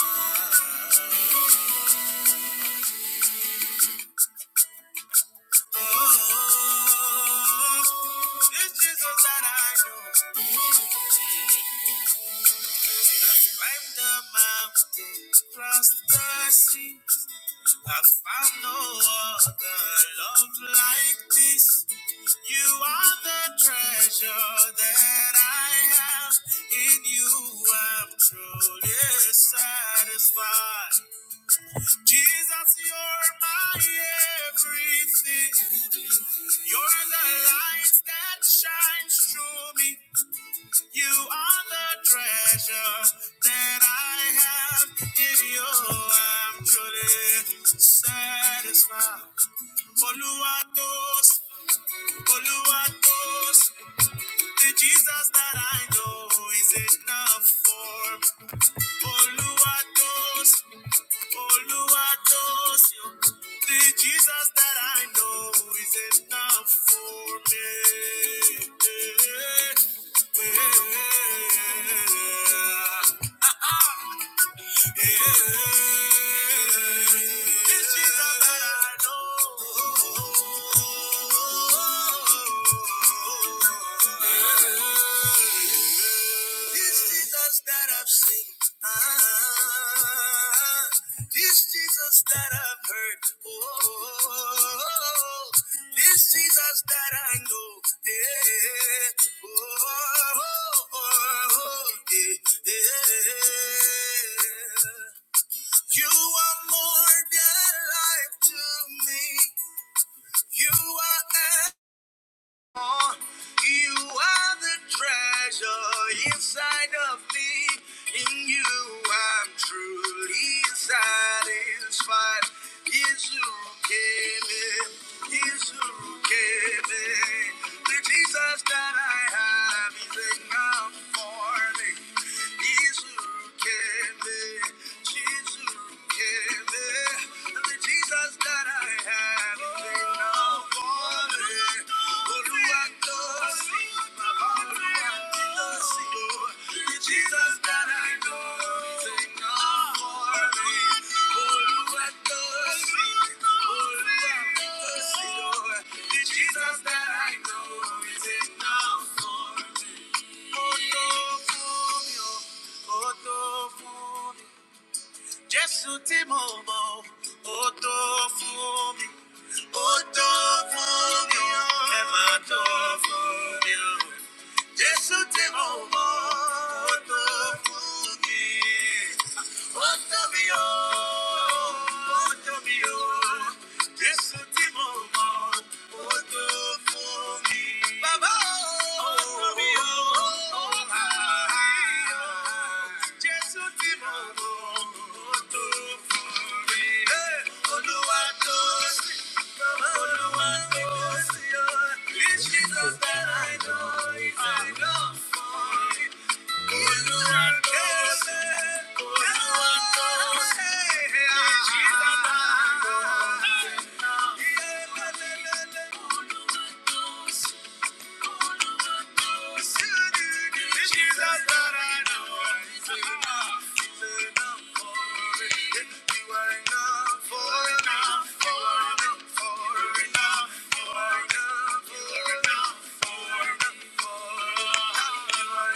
Oh, it's Jesus that I know. i climbed the mountain, crossed the sea. i found no other love like this. You are the treasure that I have. In you, I'm truly satisfied. Jesus, you're my everything. You're the light that shines through me. You are the treasure that I have in you. I'm truly satisfied. Oluwatos, Oluwatos, the Jesus that I know is enough for. me. Oluwatos, Oluwatosio, the Jesus that I know is enough for me. This Jesus that I know. This Jesus that I've seen, ah, this Jesus that I've heard, oh, this Jesus that I know, eh, oh, oh, oh, eh, eh. You are more than life to me. You are. You are the treasure inside of me. In you, I'm truly satisfied. Is who gave it. Is who gave it. The Jesus Jesus that I have is enough for me. He's who can be. She's who can be. The Jesus that I have is enough for me. Oluwatosin. Jesus ti mo mọ, ó tó fún mi, ó tó fún mi, ó ẹ máa tó fún Jesus, my boy, O to you, O to you, O to you, Jesus, my boy, O to you, O to you, O to you, Jesus, my boy, O to you, O to you, O to you, O to you. Enough for enough for enough for enough. It's mine,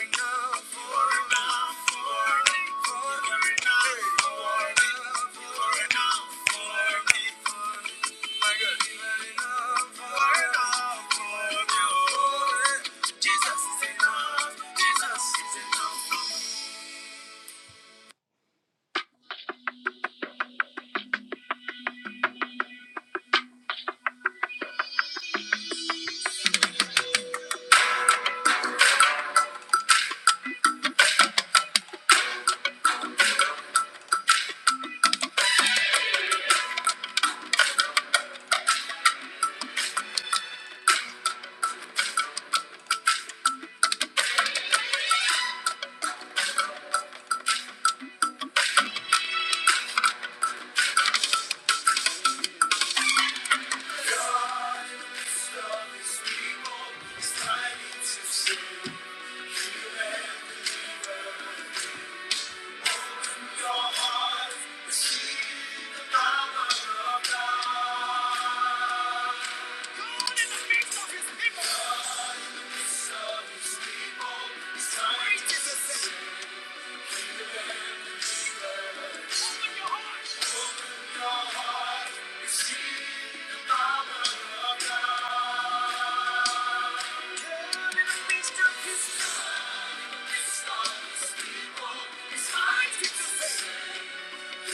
Jesus.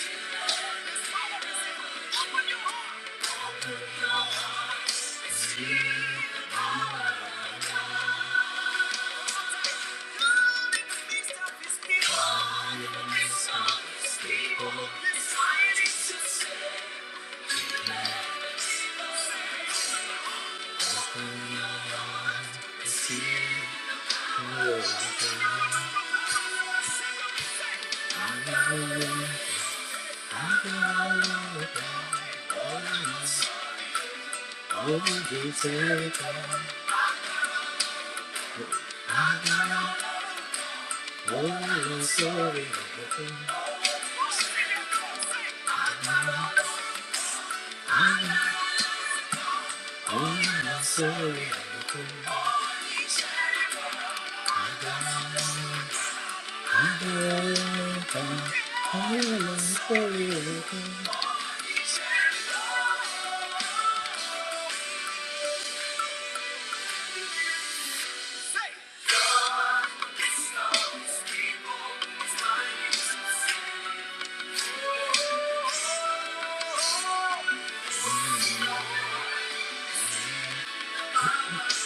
Oh, you take Thank you. Thank you.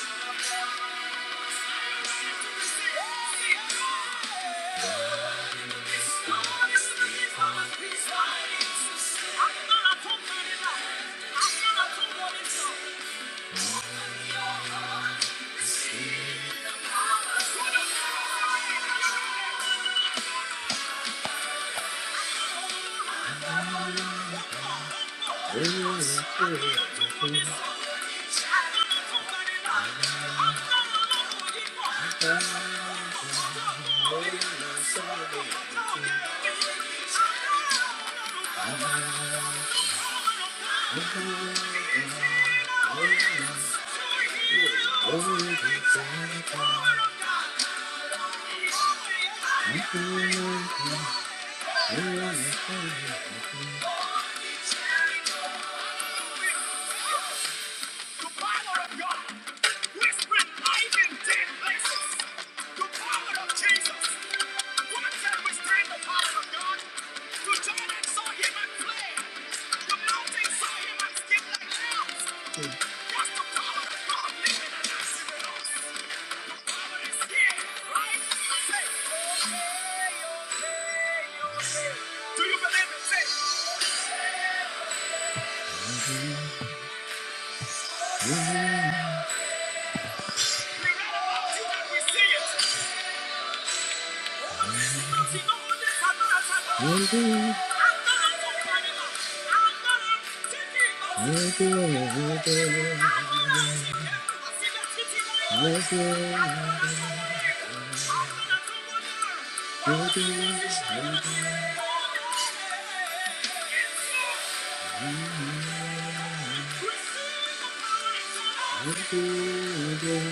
want to Thank you. The power of God whispering life in dead places. Lord. The power of Jesus. What can withstand the power of God? The Jordan saw him and fled. The mountain saw him and like lambs. That's the power of God living and active The power is here, right? Say, do you believe it? Say, we read about you and we see it. Thank you.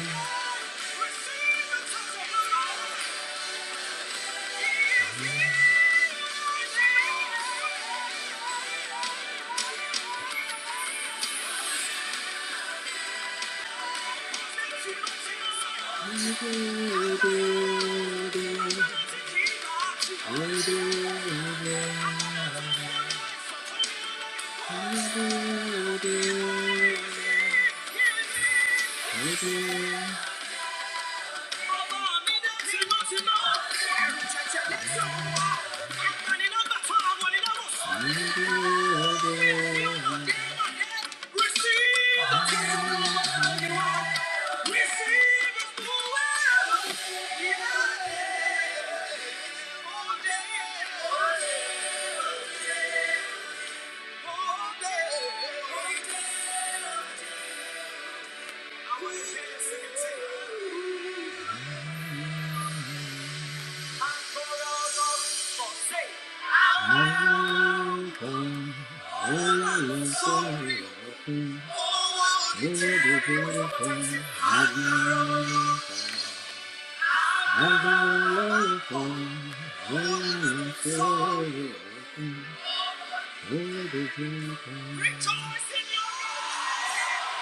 Thank you. Yeah.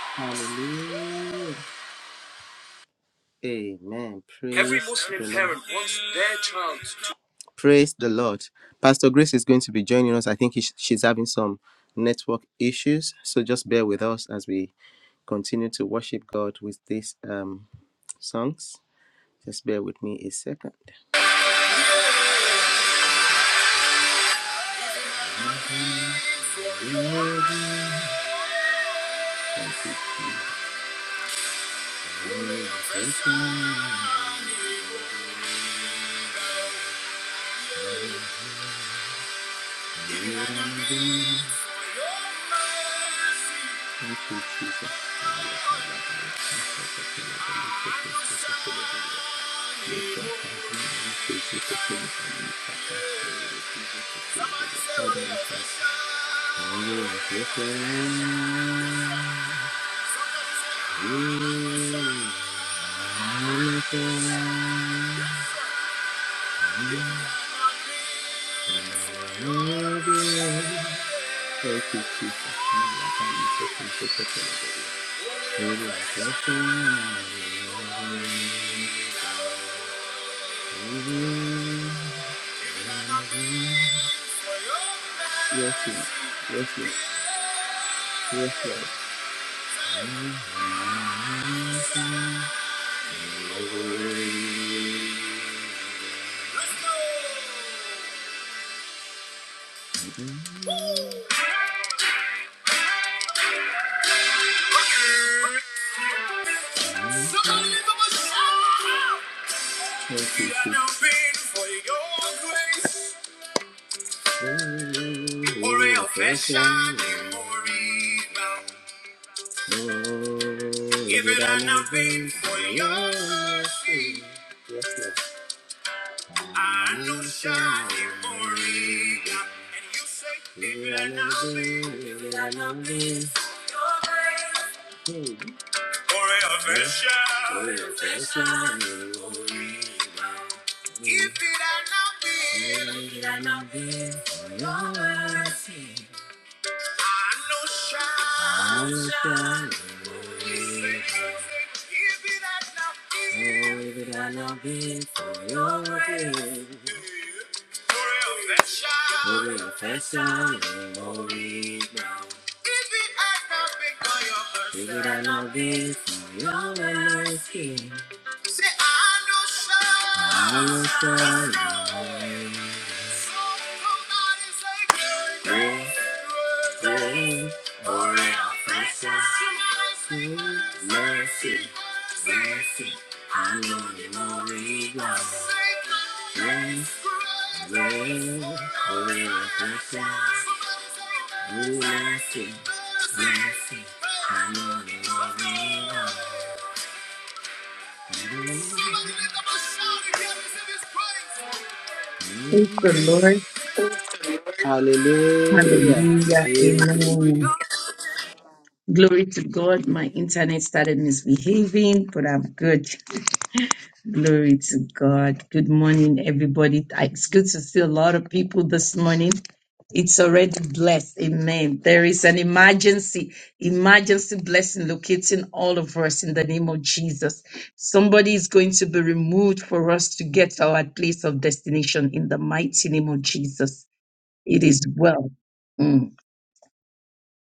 Hallelujah. Amen. Praise Every Muslim parent wants their child Praise the Lord. Pastor Grace is going to be joining us. I think he- she's having some network issues. So just bear with us as we continue to worship God with these um, songs. Just bear with me a second. Thank you, Jesus. Thank you, Jesus. Thank you, Jesus. Yes, Lord. Yes, Lord. Yes, Lord. Thank you, Jesus. Ore ofesha ni moriba. Give it an offering for your sin. Anusha ni moriba. And you say, give it an offering. Give it an offering for your grace. Ore ofesha. Ore ofesha ni moriba. Give it an offering. Give it an offering for your sin. I know shine. I know shout. If it had not been. Oh, if it had not been for your grace. Glory of that shout. Glory of that shout. Glory now. If it had not been for your mercy. If it had not been for your mercy. I know shout. know Mercy, mercy, I know you more love. Grace, grace, holy reflection. Ooh, mercy, mercy, I know you more Praise the Lord. love. Hallelujah. Hallelujah. Amen. Glory to God. My internet started misbehaving, but I'm good. Glory to God. Good morning, everybody. It's good to see a lot of people this morning. It's already blessed. Amen. There is an emergency, emergency blessing locating all of us in the name of Jesus. Somebody is going to be removed for us to get to our place of destination in the mighty name of Jesus. It is well. Mm.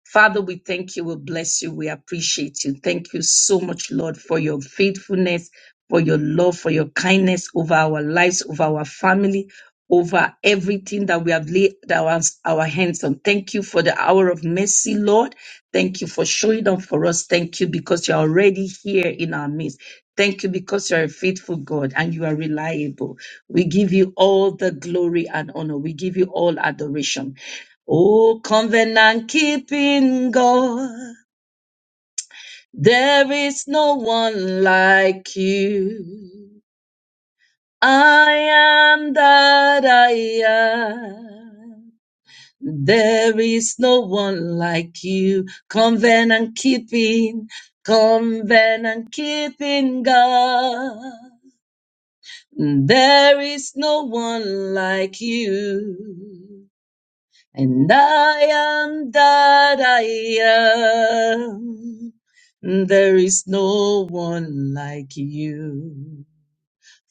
Father, we thank you. We bless you. We appreciate you. Thank you so much, Lord, for your faithfulness, for your love, for your kindness over our lives, over our family, over everything that we have laid our, our hands on. Thank you for the hour of mercy, Lord. Thank you for showing up for us. Thank you because you're already here in our midst. Thank you because you're a faithful God and you are reliable. We give you all the glory and honor. We give you all adoration. Oh, covenant keeping God, there is no one like you. I am that I am. There is no one like you. Covenant keeping, covenant keeping God. There is no one like you. And I am that I am. There is no one like you.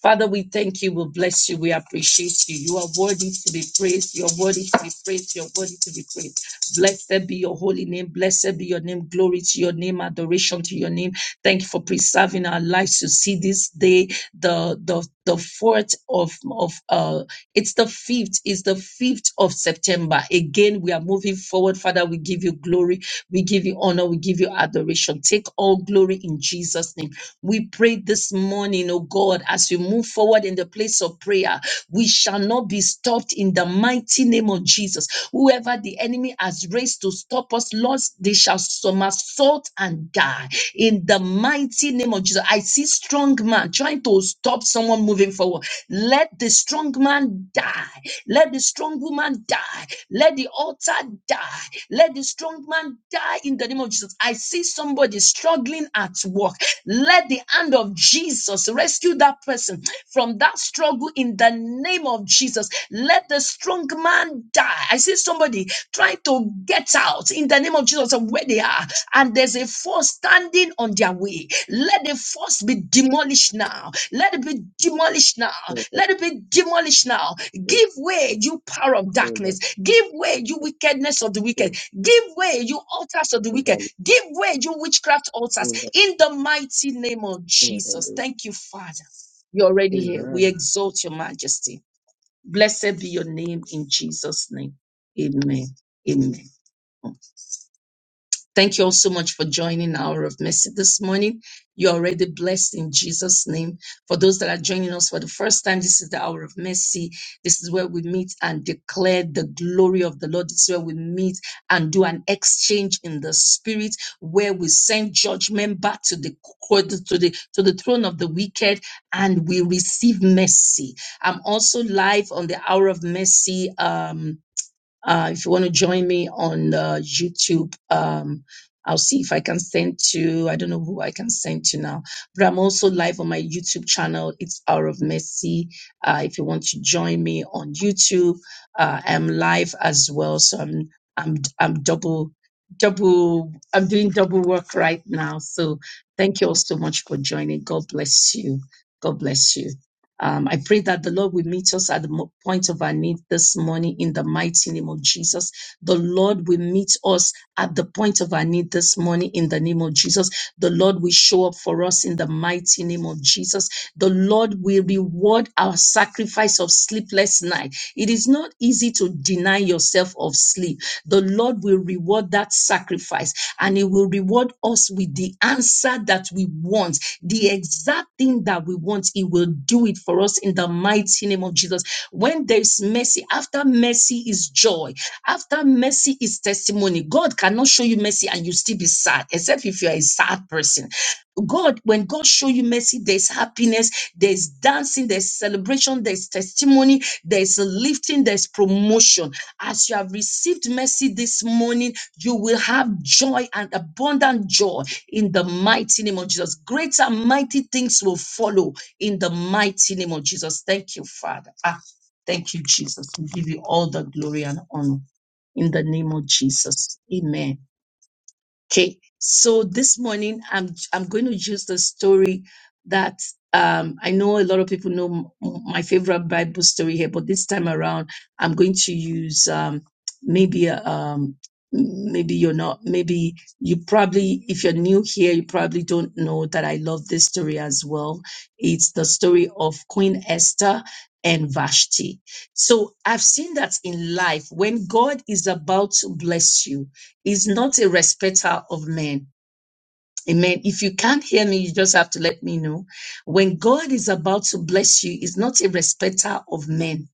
Father, we thank you. We bless you. We appreciate you. You are worthy to be praised. You're worthy to be praised. You're worthy to be praised. Blessed be your holy name. Blessed be your name. Glory to your name. Adoration to your name. Thank you for preserving our lives to see this day, the the the fourth of of uh it's the fifth, it's the fifth of September. Again, we are moving forward. Father, we give you glory, we give you honor, we give you adoration. Take all glory in Jesus' name. We pray this morning, oh God, as we move forward in the place of prayer, we shall not be stopped in the mighty name of Jesus. Whoever the enemy has raised to stop us, Lord, they shall somersault and die in the mighty name of Jesus. I see strong man trying to stop someone moving forward. Let the strong man die. Let the strong woman die. Let the altar die. Let the strong man die in the name of Jesus. I see somebody struggling at work. Let let the hand of Jesus rescue that person from that struggle in the name of Jesus. Let the strong man die. I see somebody trying to get out in the name of Jesus of where they are, and there's a force standing on their way. Let the force be demolished now. Let it be demolished now. Amen. Let it be demolished now. Give way, you power of Amen. darkness. Give way, you wickedness of the wicked. Give way, you altars of the In wicked. Give way, you witchcraft altars. In the mighty name of Jesus. Thank you, Father. You're already here. We exalt your majesty. Blessed be your name in Jesus' name. Amen. Amen. Thank you all so much for joining Hour of Mercy this morning. You're already blessed in Jesus' name. For those that are joining us for the first time, this is the Hour of Mercy. This is where we meet and declare the glory of the Lord. This is where we meet and do an exchange in the spirit, where we send judgment back to the court, to the to the throne of the wicked, and we receive mercy. I'm also live on the Hour of Mercy. Um, uh, if you want to join me on uh, YouTube, um, I'll see if I can send to, I don't know who I can send to now, but I'm also live on my YouTube channel. It's Hour of Mercy. Uh, if you want to join me on YouTube, uh, I'm live as well. So I'm, I'm, I'm double, double, I'm doing double work right now. So thank you all so much for joining. God bless you. God bless you. Um, I pray that the Lord will meet us at the mo- point of our need this morning in the mighty name of Jesus. The Lord will meet us at the point of our need this morning in the name of Jesus. The Lord will show up for us in the mighty name of Jesus. The Lord will reward our sacrifice of sleepless night. It is not easy to deny yourself of sleep. The Lord will reward that sacrifice and He will reward us with the answer that we want the exact thing that we want, He will do it for us in the mighty name of Jesus. When there is mercy, after mercy is joy, after mercy is testimony. God cannot show you mercy and you still be sad, except if you are a sad person God, when God show you mercy, there's happiness, there's dancing, there's celebration, there's testimony, there's lifting, there's promotion. As you have received mercy this morning, you will have joy and abundant joy in the mighty name of Jesus. Great and mighty things will follow in the mighty name of Jesus. Thank you, Father. Ah, thank you, Jesus. We give you all the glory and honor in the name of Jesus. Amen. Okay, so this morning I'm I'm going to use the story that um, I know a lot of people know m- m- my favorite Bible story here, but this time around I'm going to use um, maybe a, um, maybe you're not maybe you probably if you're new here you probably don't know that I love this story as well. It's the story of Queen Esther and Vashti. So I've seen that in life when God is about to bless you He's not a respecter of men. Amen. If you can't hear me, you just have to let me know. When God is about to bless you, He's not a respecter of men.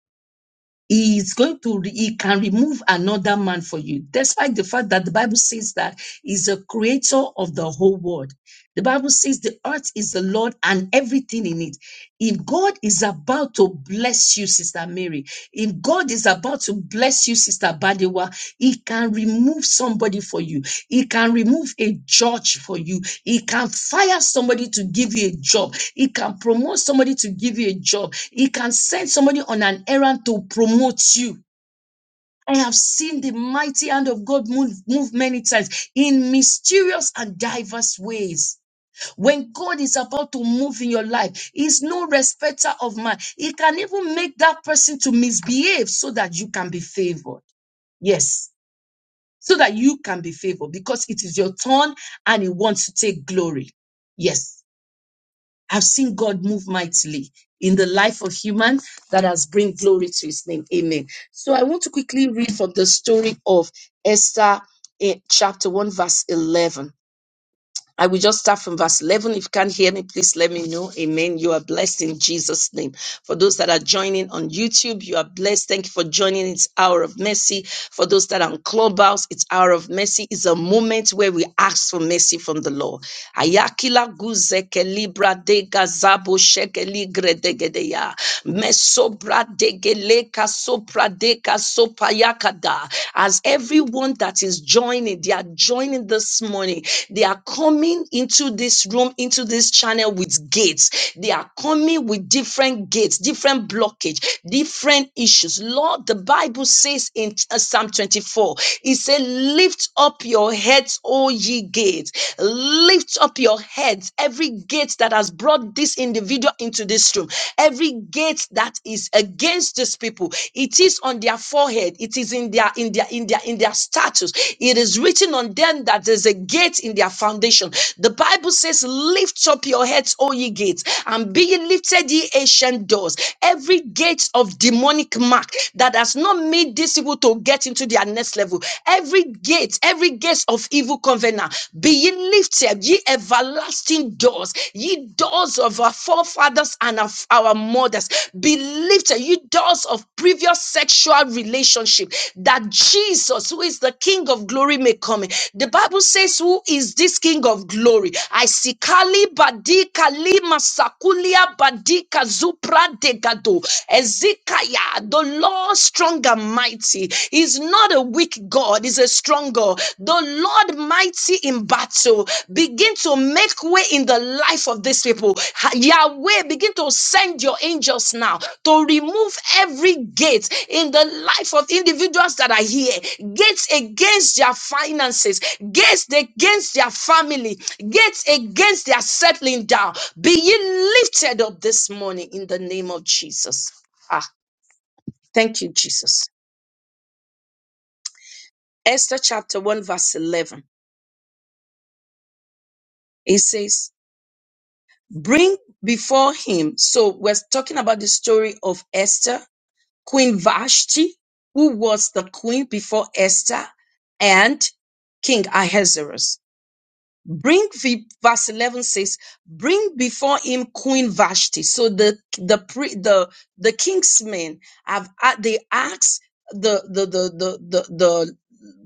He is going to, re- he can remove another man for you, despite the fact that the Bible says that he's a creator of the whole world. The Bible says the earth is the Lord and everything in it. If God is about to bless you, Sister Mary, if God is about to bless you, Sister Badewa, he can remove somebody for you he can remove a judge for you. He can fire somebody to give you a job. He can promote somebody to give you a job. He can send somebody on an errand to promote you. I have seen the mighty hand of God move, move many times in mysterious and diverse ways. When God is about to move in your life, He's no respecter of man. He can even make that person to misbehave so that you can be favored. Yes, so that you can be favored because it is your turn and he wants to take glory. Yes, I've seen God move mightily in the life of human that has bring glory to his name. Amen. So I want to quickly read from the story of Esther in chapter 1 verse 11. I will just start from verse 11. If you can't hear me, please let me know. Amen. You are blessed in Jesus' name. For those that are joining on YouTube, you are blessed. Thank you for joining. It's Hour of Mercy. For those that are on Clubhouse, it's Hour of Mercy. It's a moment where we ask for mercy from the Lord. Ayakila guzeke libra de gazabo shekeli gredegedeya. Mesobra degele kasopra de kasopayakada. As everyone that is joining, they are joining this morning. They are coming into this room, into this channel with gates. They are coming with different gates, different blockage, different issues. Lord, the Bible says in uh, Psalm 24, it said, Lift up your heads, O ye gates. Lift up your heads, every gate that has brought this individual into this room, every gate gate that is against these people. It is on their forehead. It is in their in their in their in their status. It is written on them that there's a gate in their foundation. The Bible says, "Lift up your heads, O ye gates, and be ye lifted, ye ancient doors." Every gate of demonic mark that has not made these people to get into their next level. Every gate, every gate of evil covenant, be ye lifted, ye everlasting everlasting doors, ye doors of our forefathers and of our mothers, be lifted, ye doors of previous sexual relationship, that Jesus, who is the King of glory, may come in. The Bible says, Who is this King of glory? I see Kali Badi Kali Masakulia Badi Kazupra Degado Ezekiah, the Lord strong and mighty, is not a weak God is a strong God, the Lord mighty in battle. Begin to make way in the life of these people. Yahweh, begin to send your angels now to remove every gate in the life of individuals that are here. Gates against their finances, gates against their family, gates against their settling down. Be ye lifted up this morning in the name of Jesus. Ah, thank you, Jesus. Esther chapter 1, verse 11. It says, bring before him. So we're talking about the story of Esther, Queen Vashti, who was the queen before Esther and King Ahasuerus. Bring the verse 11 says, bring before him Queen Vashti. So the, the, pre, the, the king's men have, a- they asked the, the, the, the, the,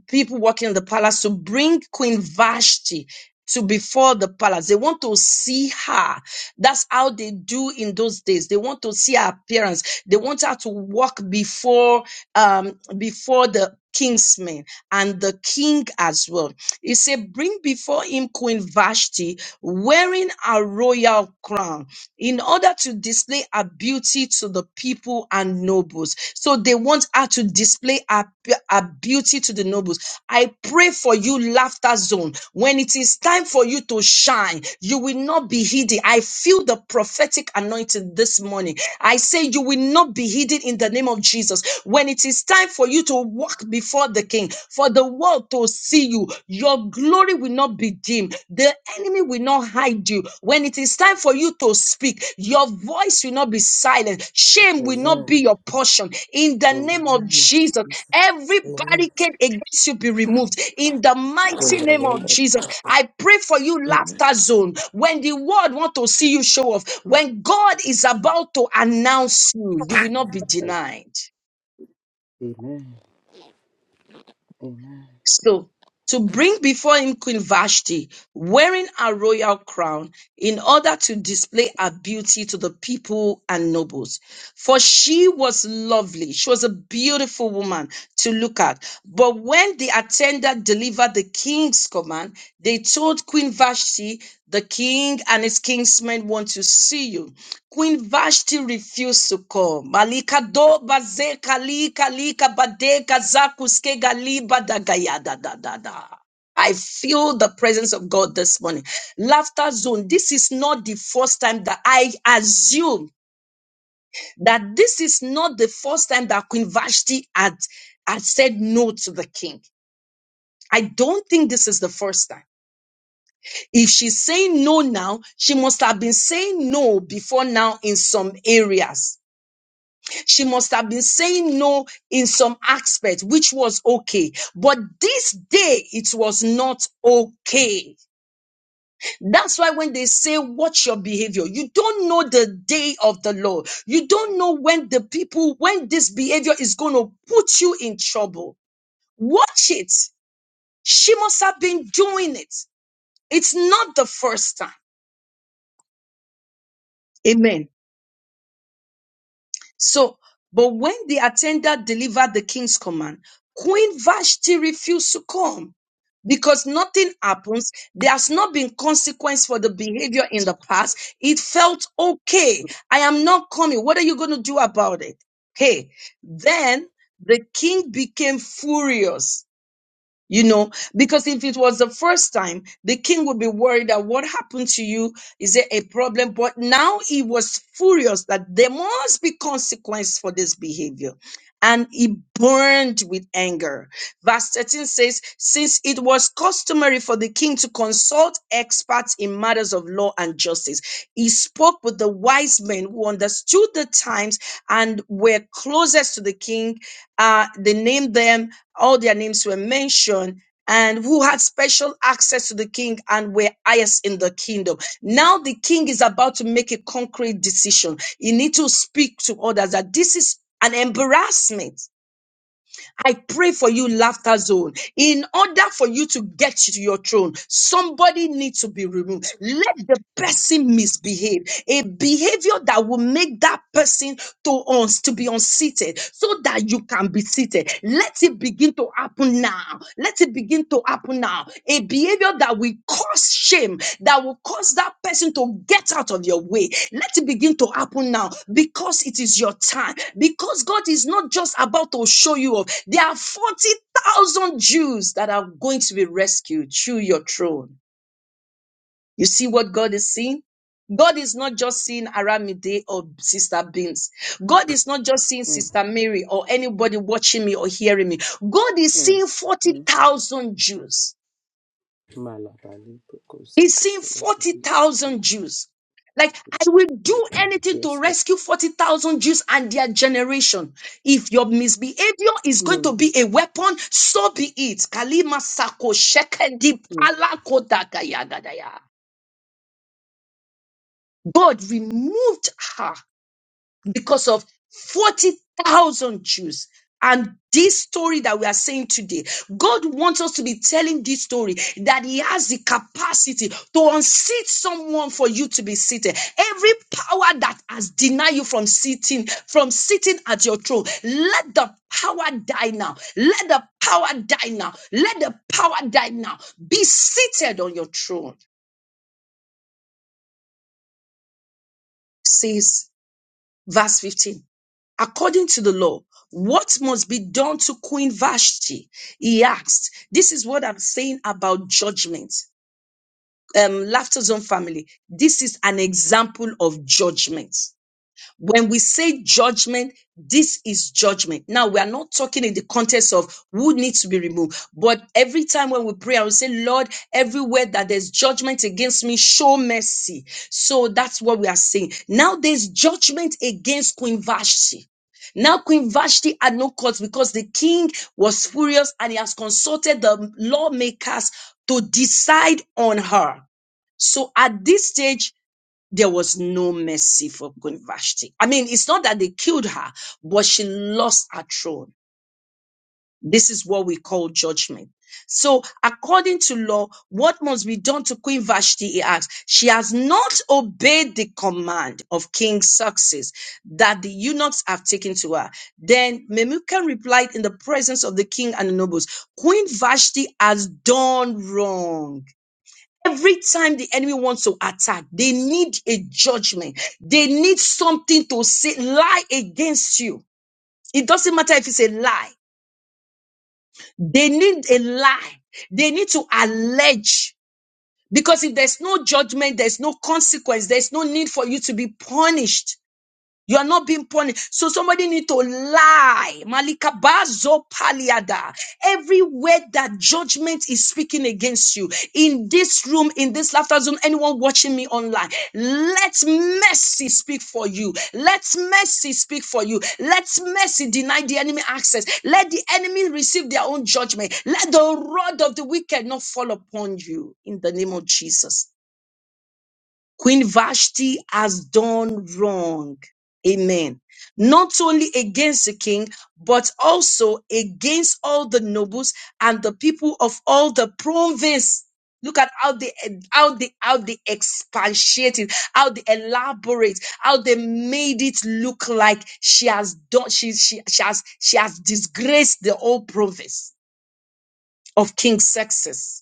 people working in the palace to bring Queen Vashti to before the palace. They want to see her. That's how they do in those days. They want to see her appearance. They want her to walk before um before the king's men and the king as well. He said, bring before him Queen Vashti wearing a royal crown in order to display her beauty to the people and nobles. So they want her to display her, her beauty to the nobles. I pray for you, laughter zone. When it is time for you to shine, you will not be hidden. I feel the prophetic anointing this morning. I say you will not not be hidden in the name of Jesus. When it is time for you to walk before the King, for the world to see you, your glory will not be dimmed. The enemy will not hide you. When it is time for you to speak, your voice will not be silent. Shame will not be your portion. In the the name of name of Jesus, Jesus. Every Amen. barricade against you be removed in the In mighty the name name of Jesus. I pray for you, laughter zone. When the world want to see you show off, when God is about to announce you, you will not be of denied. Jesus. Amen. Amen. So, to bring before him Queen Vashti, wearing a royal crown, in order to display her beauty to the people and nobles. For she was lovely. She was a beautiful woman to look at. But when the attendant delivered the king's command, they told Queen Vashti, the king and his kinsmen want to see you. Queen Vashti refused to come. Malika do baze kalika lika badeka zakuske galiba da da da da da. I feel the presence of God this morning. Laughter zone. This is not the first time that I assume that this is not the first time that Queen Vashti had, had said no to the king. I don't think this is the first time. If she's saying no now, she must have been saying no before now in some areas. She must have been saying no in some aspect, which was okay. But this day, it was not okay. That's why when they say, watch your behavior, you don't know the day of the Lord. You don't know when the people, when this behavior is going to put you in trouble. Watch it. She must have been doing it. It's not the first time. Amen. So, but when the attendant delivered the king's command, Queen Vashti refused to come because nothing happens. There has not been consequence for the behavior in the past. It felt okay. I am not coming. What are you going to do about it? Hey, then the king became furious you know, because if it was the first time, the king would be worried that what happened to you is there a problem. But now he was furious that there must be consequence for this behavior. And he burned with anger. Verse 13 says, Since it was customary for the king to consult experts in matters of law and justice, he spoke with the wise men who understood the times and were closest to the king. Uh, they named them all their names were mentioned and who had special access to the king and were highest in the kingdom. Now the king is about to make a concrete decision. He need to speak to others that this is an embarrassment. I pray for you, laughter zone. In order for you to get to your throne, somebody needs to be removed. Let the person misbehave. A behavior that will make that person to us to be unseated so that you can be seated. Let it begin to happen now. Let it begin to happen now. A behavior that will cause shame, that will cause that person to get out of your way. Let it begin to happen now because it is your time. Because God is not just about to show you off. There are 40,000 Jews that are going to be rescued through your throne. You see what God is seeing? God is not just seeing Aramide or Sister Beams. God is not just seeing Sister Mary or anybody watching me or hearing me. God is Mm. seeing Mm. 40,000 Jews. Malabali Boko He's seeing Zakatele. 40,000 Jews. Like, I will do anything to Yes, Lord. rescue 40,000 Jews and their generation. If your misbehavior is going to Mm. be a weapon, so be it. Kalima sako shekendi Mm. palakotakaya gadaya. God removed her because of 40,000 Jews. And this story that we are saying today, God wants us to be telling this story that He has the capacity to unseat someone for you to be seated. Every power that has denied you from sitting, from sitting at your throne, let the power die now. Let the power die now. Let the power die now. Be seated on your throne, says verse 15. according to the law, what must be done to Queen Vashti? He asked. This is what I'm saying about judgment. Um, Laughter Zone family, this is an example of judgment. When we say judgment, this is judgment. Now, we are not talking in the context of who needs to be removed, but every time when we pray, I will say, Lord, everywhere that there's judgment against me, show mercy. So that's what we are saying. Now, there's judgment against Queen Vashti. Now, Queen Vashti had no cause because the king was furious and he has consulted the lawmakers to decide on her. So at this stage, there was no mercy for Queen Vashti. I mean, it's not that they killed her, but she lost her throne. This is what we call judgment. So, according to law, what must be done to Queen Vashti? He asks. She has not obeyed the command of King Success that the eunuchs have taken to her. Then Memucan replied in the presence of the king and the nobles, Queen Vashti has done wrong Every time the enemy wants to attack, they need a judgment. They need something to say, lie against you. It doesn't matter if it's a lie. They need a lie. They need to allege because if there's no judgment, there's no consequence, there's no need for you to be punished. You are not being punished. So somebody need to lie. Malika bazo paliada. Every word that judgment is speaking against you in this room, in this laughter zone, anyone watching me online, let mercy speak for you. Let mercy speak for you. Let mercy deny the enemy access. Let the enemy receive their own judgment. Let the rod of the wicked not fall upon you in the name of Jesus. Queen Vashti has done wrong. Amen. Not only against the king, but also against all the nobles and the people of all the province. Look at how they how they how they expatiated, how they elaborate, how they made it look like she has done she she, she has she has disgraced the whole province of King Success.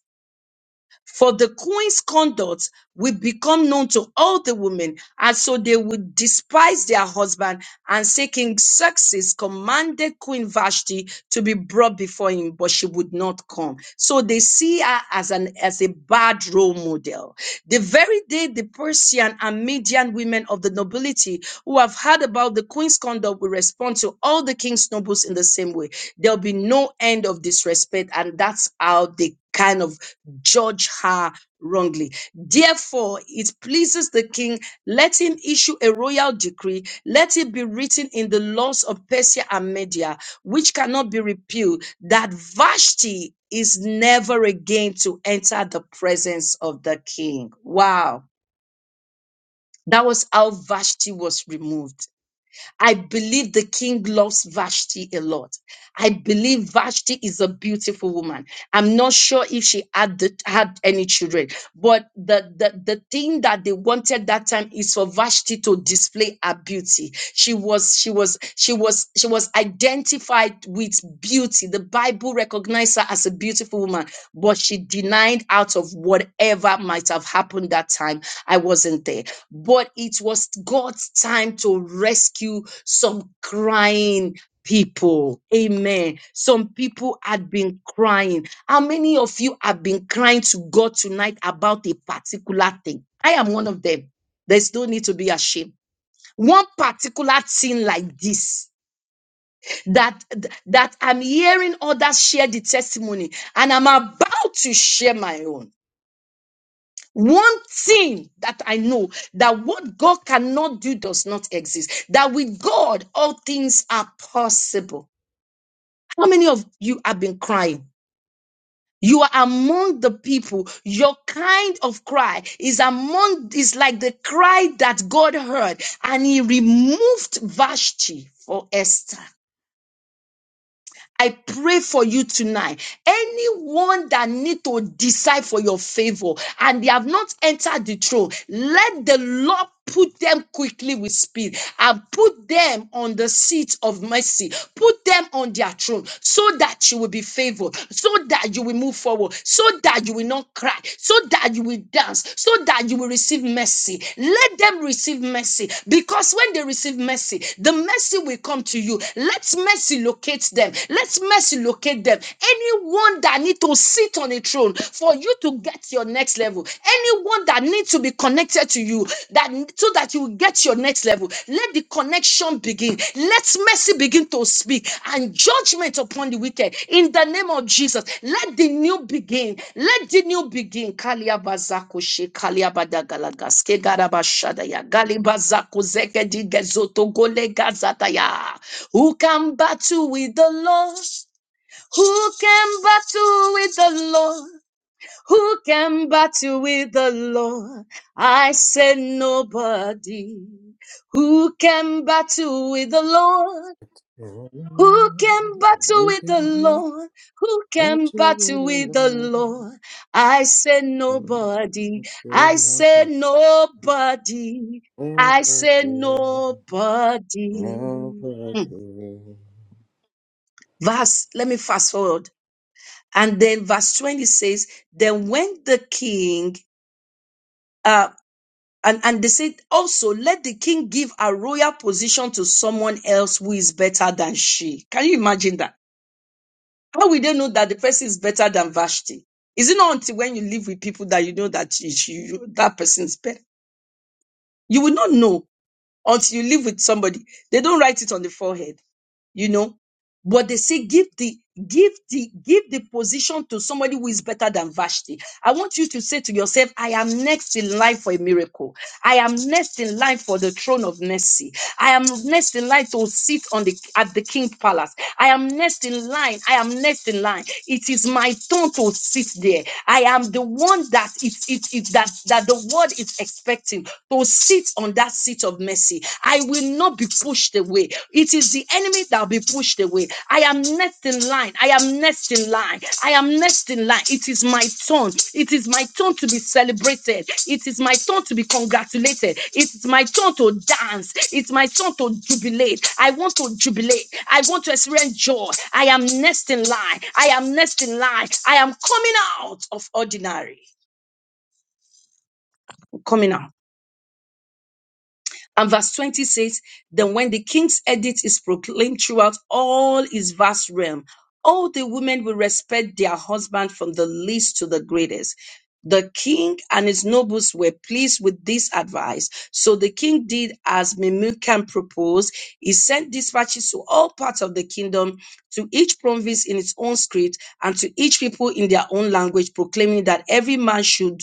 For the queen's conduct will become known to all the women, and so they will despise their husband. And say King Xerxes commanded Queen Vashti to be brought before him, but she would not come. So they see her as an as a bad role model. The very day the Persian and Median women of the nobility who have heard about the queen's conduct will respond to all the king's nobles in the same way. There'll be no end of disrespect, and that's how they kind of judge her wrongly. Therefore, it pleases the king, let him issue a royal decree, let it be written in the laws of Persia and Media, which cannot be repealed, that Vashti is never again to enter the presence of the king. Wow. That was how Vashti was removed. I believe the king loves Vashti a lot. I believe Vashti is a beautiful woman. I'm not sure if she had the, had any children, but the, the the thing that they wanted that time is for Vashti to display her beauty. She was she was she was she was identified with beauty. The Bible recognized her as a beautiful woman, but she denied out of whatever might have happened that time. I wasn't there but it was God's time to rescue some crying people. Amen. Some people had been crying. How many of you have been crying to God tonight about a particular thing? I am one of them. There's no need to be ashamed. One particular thing like this that that I'm hearing others share the testimony, and I'm about to share my own. One thing that I know that what God cannot do does not exist. That with God, all things are possible. How many of you have been crying? You are among the people. Your kind of cry is among, is like the cry that God heard and he removed Vashti for Esther. I pray for you tonight. Anyone that need to decide for your favor and they have not entered the throne, let the Lord put them quickly with speed and put them on the seat of mercy. Put them on their throne so that you will be favored, so that you will move forward, so that you will not cry, so that you will dance, so that you will receive mercy. Let them receive mercy because when they receive mercy, the mercy will come to you. Let mercy mercy locate them. Let mercy locate them. Anyone that need to sit on a throne for you to get your next level. Anyone that needs to be connected to you that so that you will get your next level. Let the connection begin. Let mercy begin to speak and judgment upon the wicked in the name of Jesus. Let the new begin. Let the new begin. Kalia bazako she kalia badagalagas ke who can battle with the Lord? Who can battle with the Lord? Who can battle with the Lord? I said nobody. Who can battle with the Lord? Who can battle with the Again, Lord? Who that can you would battle with the allow. Lord? I said Mm. nobody. You say I said nothing. nobody. I said Nobody. nobody. Hmm. Nobody. verse let me fast forward and then verse 20 says then when the king uh and, and they said also let the king give a royal position to someone else who is better than she can you imagine that how will they know that the person is better than vashti is it not until when you live with people that you know that she, she- you, that person is better you will not know until you live with somebody they don't write it on the forehead you know but they say give the give the give the position to somebody who is better than vashti i want you to say to yourself i am next in line for a miracle i am next in line for the throne of mercy I am next in line to sit on the at the king palace. I am next in line. I am next in line. It is my turn to sit there. I am the one that it, it, it that that the world is expecting to sit on that seat of mercy. I will not be pushed away. It is the enemy that will be pushed away. I am next in line. I am next in line. I am next in line. It is my turn. It is my turn to be celebrated. It is my turn to be congratulated. It is my turn to dance. It's my turn to jubilate. I want to jubilate. I want to experience joy. I am next in line. I am next in line. I am coming out of ordinary. I'm coming out. And verse 20 says, Then when the king's edict is proclaimed throughout all his vast realm, all the women will respect their husband from the least to the greatest. The king and his nobles were pleased with this advice. So the king did as Memucan proposed. He sent dispatches to all parts of the kingdom, to each province in its own script, and to each people in their own language, proclaiming that every man should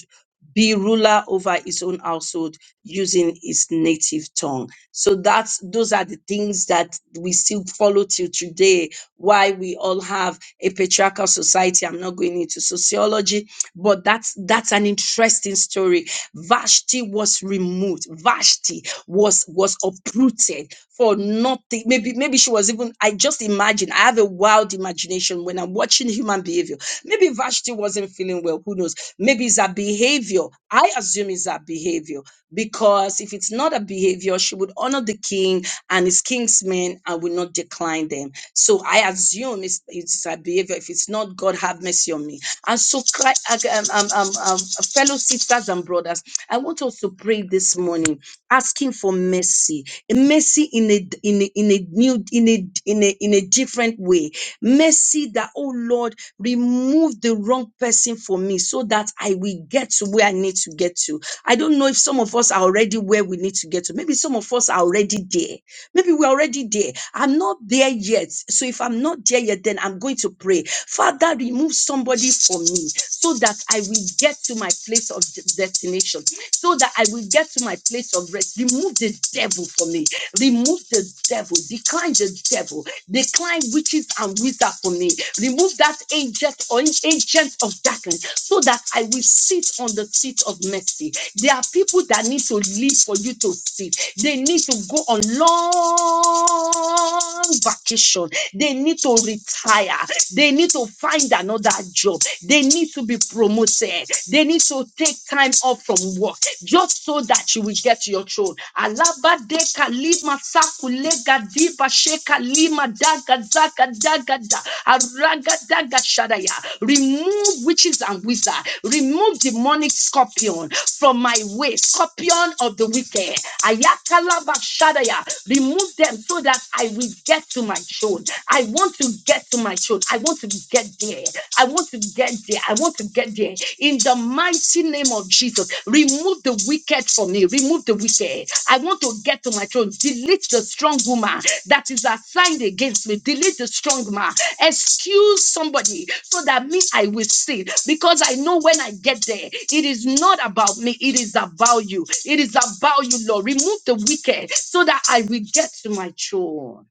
be ruler over his own household using his native tongue. So that's those are the things that we still follow till today. Why we all have a patriarchal society. I'm not going into sociology, but that's that's an interesting story. Vashti was removed. Vashti was was uprooted for nothing. Maybe maybe she was even. I just imagine. I have a wild imagination when I'm watching human behavior. Maybe Vashti wasn't feeling well. Who knows? Maybe it's a behavior. I assume it's a behavior because if it's not a behavior, she would honor the king and his kingsmen and would not decline them. So I assume it's, it's a behavior. If it's not, God have mercy on me. And so, cri- um, um, um, um, fellow sisters and brothers, I want us to pray this morning, asking for mercy, a mercy in a in a, in a new in a in a in a different way Mercy that, oh Lord, remove the wrong person from me so that I will get to where I need to get to. I don't know if some of us are already where we need to get to. Maybe some of us are already there. Maybe we're already there. I'm not there yet. So if I'm not there yet, then I'm going to pray. Father, remove somebody from me so that I will get to my place of de- destination, so that I will get to my place of rest. Remove the devil from me. Remove the devil. Decline the devil Decline witches and wizards for me. Remove that agent or agent of darkness so that I will sit on the seat of mercy. There are people that need to live for you to sit. They need to go on long vacation. They need to retire. They need to find another job. They need to be promoted. They need to take time off from work just so that you will get your throne. Alaba de kalima sakule diva sheka lima daga zaga daga da araga daga shadaya. Remove witches and wizards. Remove demonic scorpion from my way, scorpion of the wicked. Ayakalaba Shadaya, remove them so that I will get to my throne. I want to get to my throne. I want to get there. I want to get there. I want to get there. In the mighty name of Jesus, remove the wicked from me. Remove the wicked. I want want to get to my throne, delete the strong woman that is assigned against me. Delete the strong man. Excuse somebody so that me, I will see. Because I know when I get there, it is not about me. It is about you. It is about you, Lord. Remove the wicked so that I will get to my throne.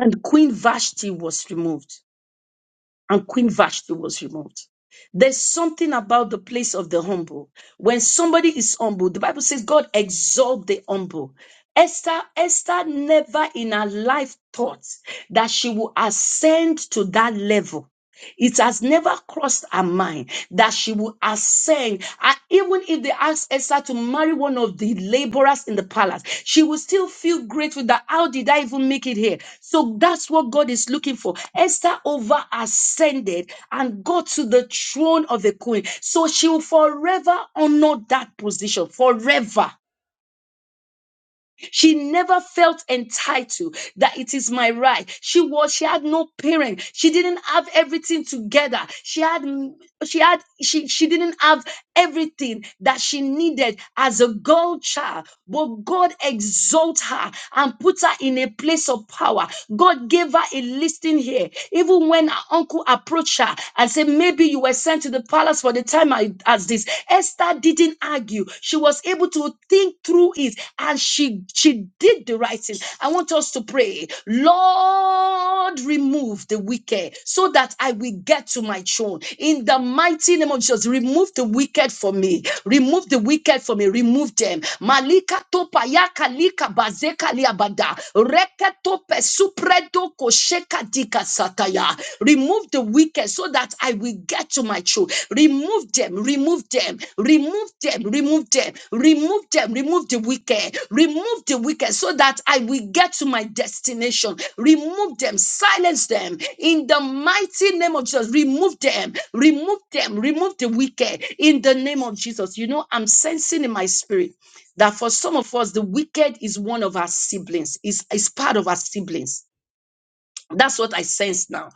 And Queen Vashti was removed. and Queen Vashti was removed. There's something about the place of the humble. When somebody is humble, the Bible says God exalt the humble. Esther, Esther never in her life thought that she would ascend to that level it has never crossed her mind that she will ascend. And even if they ask Esther to marry one of the laborers in the palace, she will still feel grateful that how did I even make it here? So that's what God is looking for. Esther over ascended and got to the throne of the queen. So she will forever honor that position, forever. She never felt entitled that it is my right. She was, she had no parent. She didn't have everything together. She had, she had, she, she didn't have everything that she needed as a girl child. But God exalted her and put her in a place of power. God gave her a listing here. Even when her uncle approached her and said, Maybe you were sent to the palace for the time I- as this, Esther didn't argue. She was able to think through it and she, she did the right thing fasting. I want us to pray, Lord, remove the wicked so that I will get to my throne. In the mighty name of Jesus, remove the wicked for me. Remove the wicked for me. Remove them. Malika topa yaka lika bazeka liabada. Reke tope supredo kosheka dika sataya. Remove the wicked so that I will get to my children. Remove them, remove them, remove them, remove them, remove them, remove the wicked, remove the wicked so that I will get to my destination. Remove them, silence them in the mighty name of Jesus. Remove them, remove them, remove the wicked in the name of Jesus. You know, I'm sensing in my spirit that for some of us, the wicked is one of our siblings, is, is part of our siblings that's what I sense now.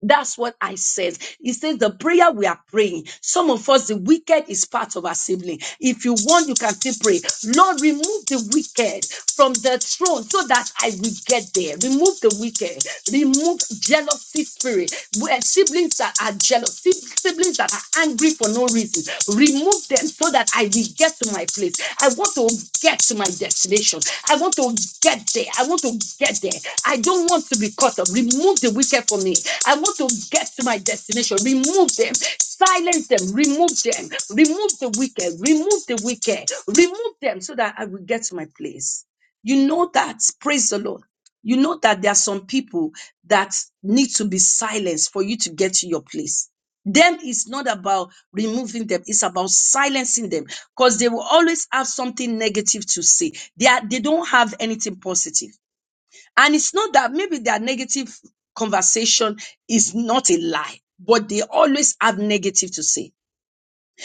That's what I said. It says the prayer we are praying. Some of us, the wicked is part of our sibling. If you want, you can still pray. Lord, remove the wicked from the throne so that I will get there. Remove the wicked. Remove jealousy spirit. Where siblings that are jealous, si, siblings that are angry for no reason, remove them so that I will get to my place. I want to get to my destination. I want to get there. I want to get there. I don't want to be caught up. Remove the wicked from me. I want to get to my destination. Remove them. Silence them. Remove them. Remove the wicked. Remove the wicked. Remove them so that I will get to my place. You know that. Praise the Lord. You know that there are some people that need to be silenced for you to get to your place. Them is not about removing them, it's about silencing them because they will always have something negative to say. They, are, they don't have anything positive. And it's not that maybe their negative conversation is not a lie, but they always have negative to say.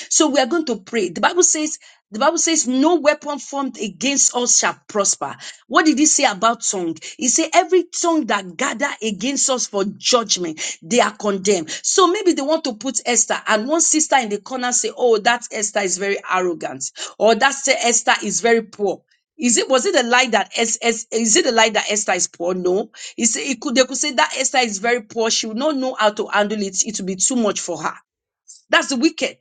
So we are going to pray. The Bible says, the Bible says, no weapon formed against us shall prosper. What did he say about tongue? He said, every tongue that gather against us for judgment, they are condemned. So maybe they want to put Esther and one sister in the corner say, oh, that Esther is very arrogant or that Esther is very poor. Is it was it a lie that es, es, is it a lie that Esther is poor? No. It's, it could they could say that Esther is very poor. She will not know how to handle it. It will be too much for her. That's the wicked.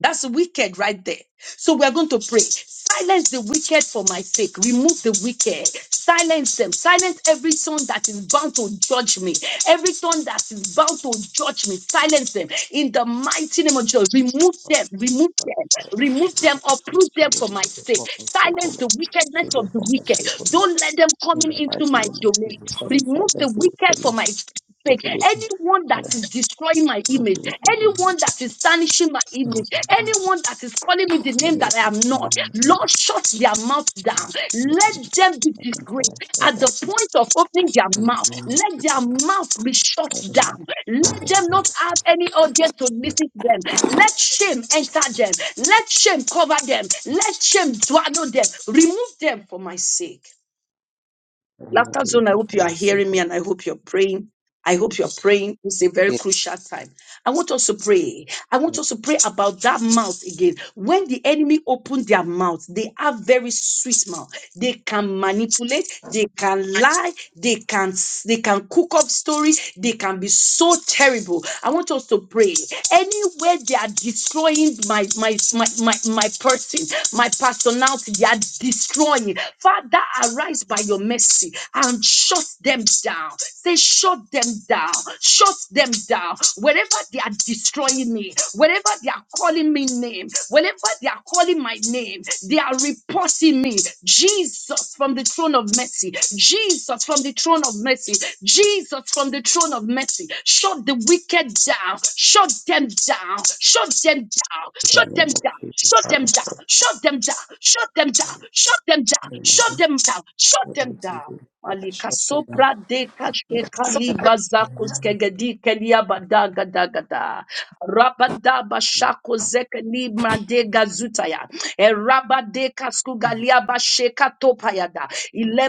That's wicked right there. So we are going to pray. Silence the wicked for my sake. Remove the wicked. Silence them. Silence every tongue that is bound to judge me. Every tongue that is bound to judge me. Silence them. In the mighty name of Jesus. Remove them. Remove them. Remove them. Uproot them for Lord, we my give them sake. for my sake, O Silence Lord. the wickedness Shield of them the for my wicked. sake, O Lord. Don't let them come In in the into mighty my name of domain. Jesus, Father, Remove fight the us the wicked for my wickedness sake fake, of the wicked. anyone that Father, fight is destroying my us image, the wicked for us. anyone that is tarnishing my In the image, name of anyone Jesus, that is calling me the I name know that that I you am are not, in my Lord, goodness. shut their mouth down. In the Let name them be of Jesus, Father, disgraced at shut the up. point of opening their mouth. I know not Let their mouth be shut I don't need. down. Let them not have any audience to listen to them. Let shame enter them. Let shame cover them. Let shame swallow them. Remove them for my sake. I remove Laughter the Zone, I wicked hope for you are my hearing sake, O me Lord. and I hope you're praying. I hope you're praying. It's a very crucial time. I want us to pray. I want us to pray about that mouth again. When the enemy opened their mouth, they have very sweet mouth. They can manipulate, they can lie, they can they can cook up stories, they can be so terrible. I want us to pray. Anywhere they are destroying my my my my, my person, my personality, they are destroying. Father, arise by your mercy and shut them down. Say, shut them down, shut them down. Wherever they are destroying calling me, wherever they are calling me name, wherever they are calling my name, they are reporting me. Jesus from the throne of mercy. Jesus from the throne of mercy. Jesus from the throne of mercy. Shut the wicked down. Shut them down. Shut them down. In the Shut them name of down. Jesus, Shut them Father, shut down. up. Shut them down. Shut them down. Shut them down. In my Shut name, them down. Shut Lord, I them give down. you. Father, Malika shut them down. sopra de kashke kaliba zakus kegedi kelia badaga daga da. Rabadaba shako zeke libra de gazutaya. E rabade kaskugalia basheka topayada.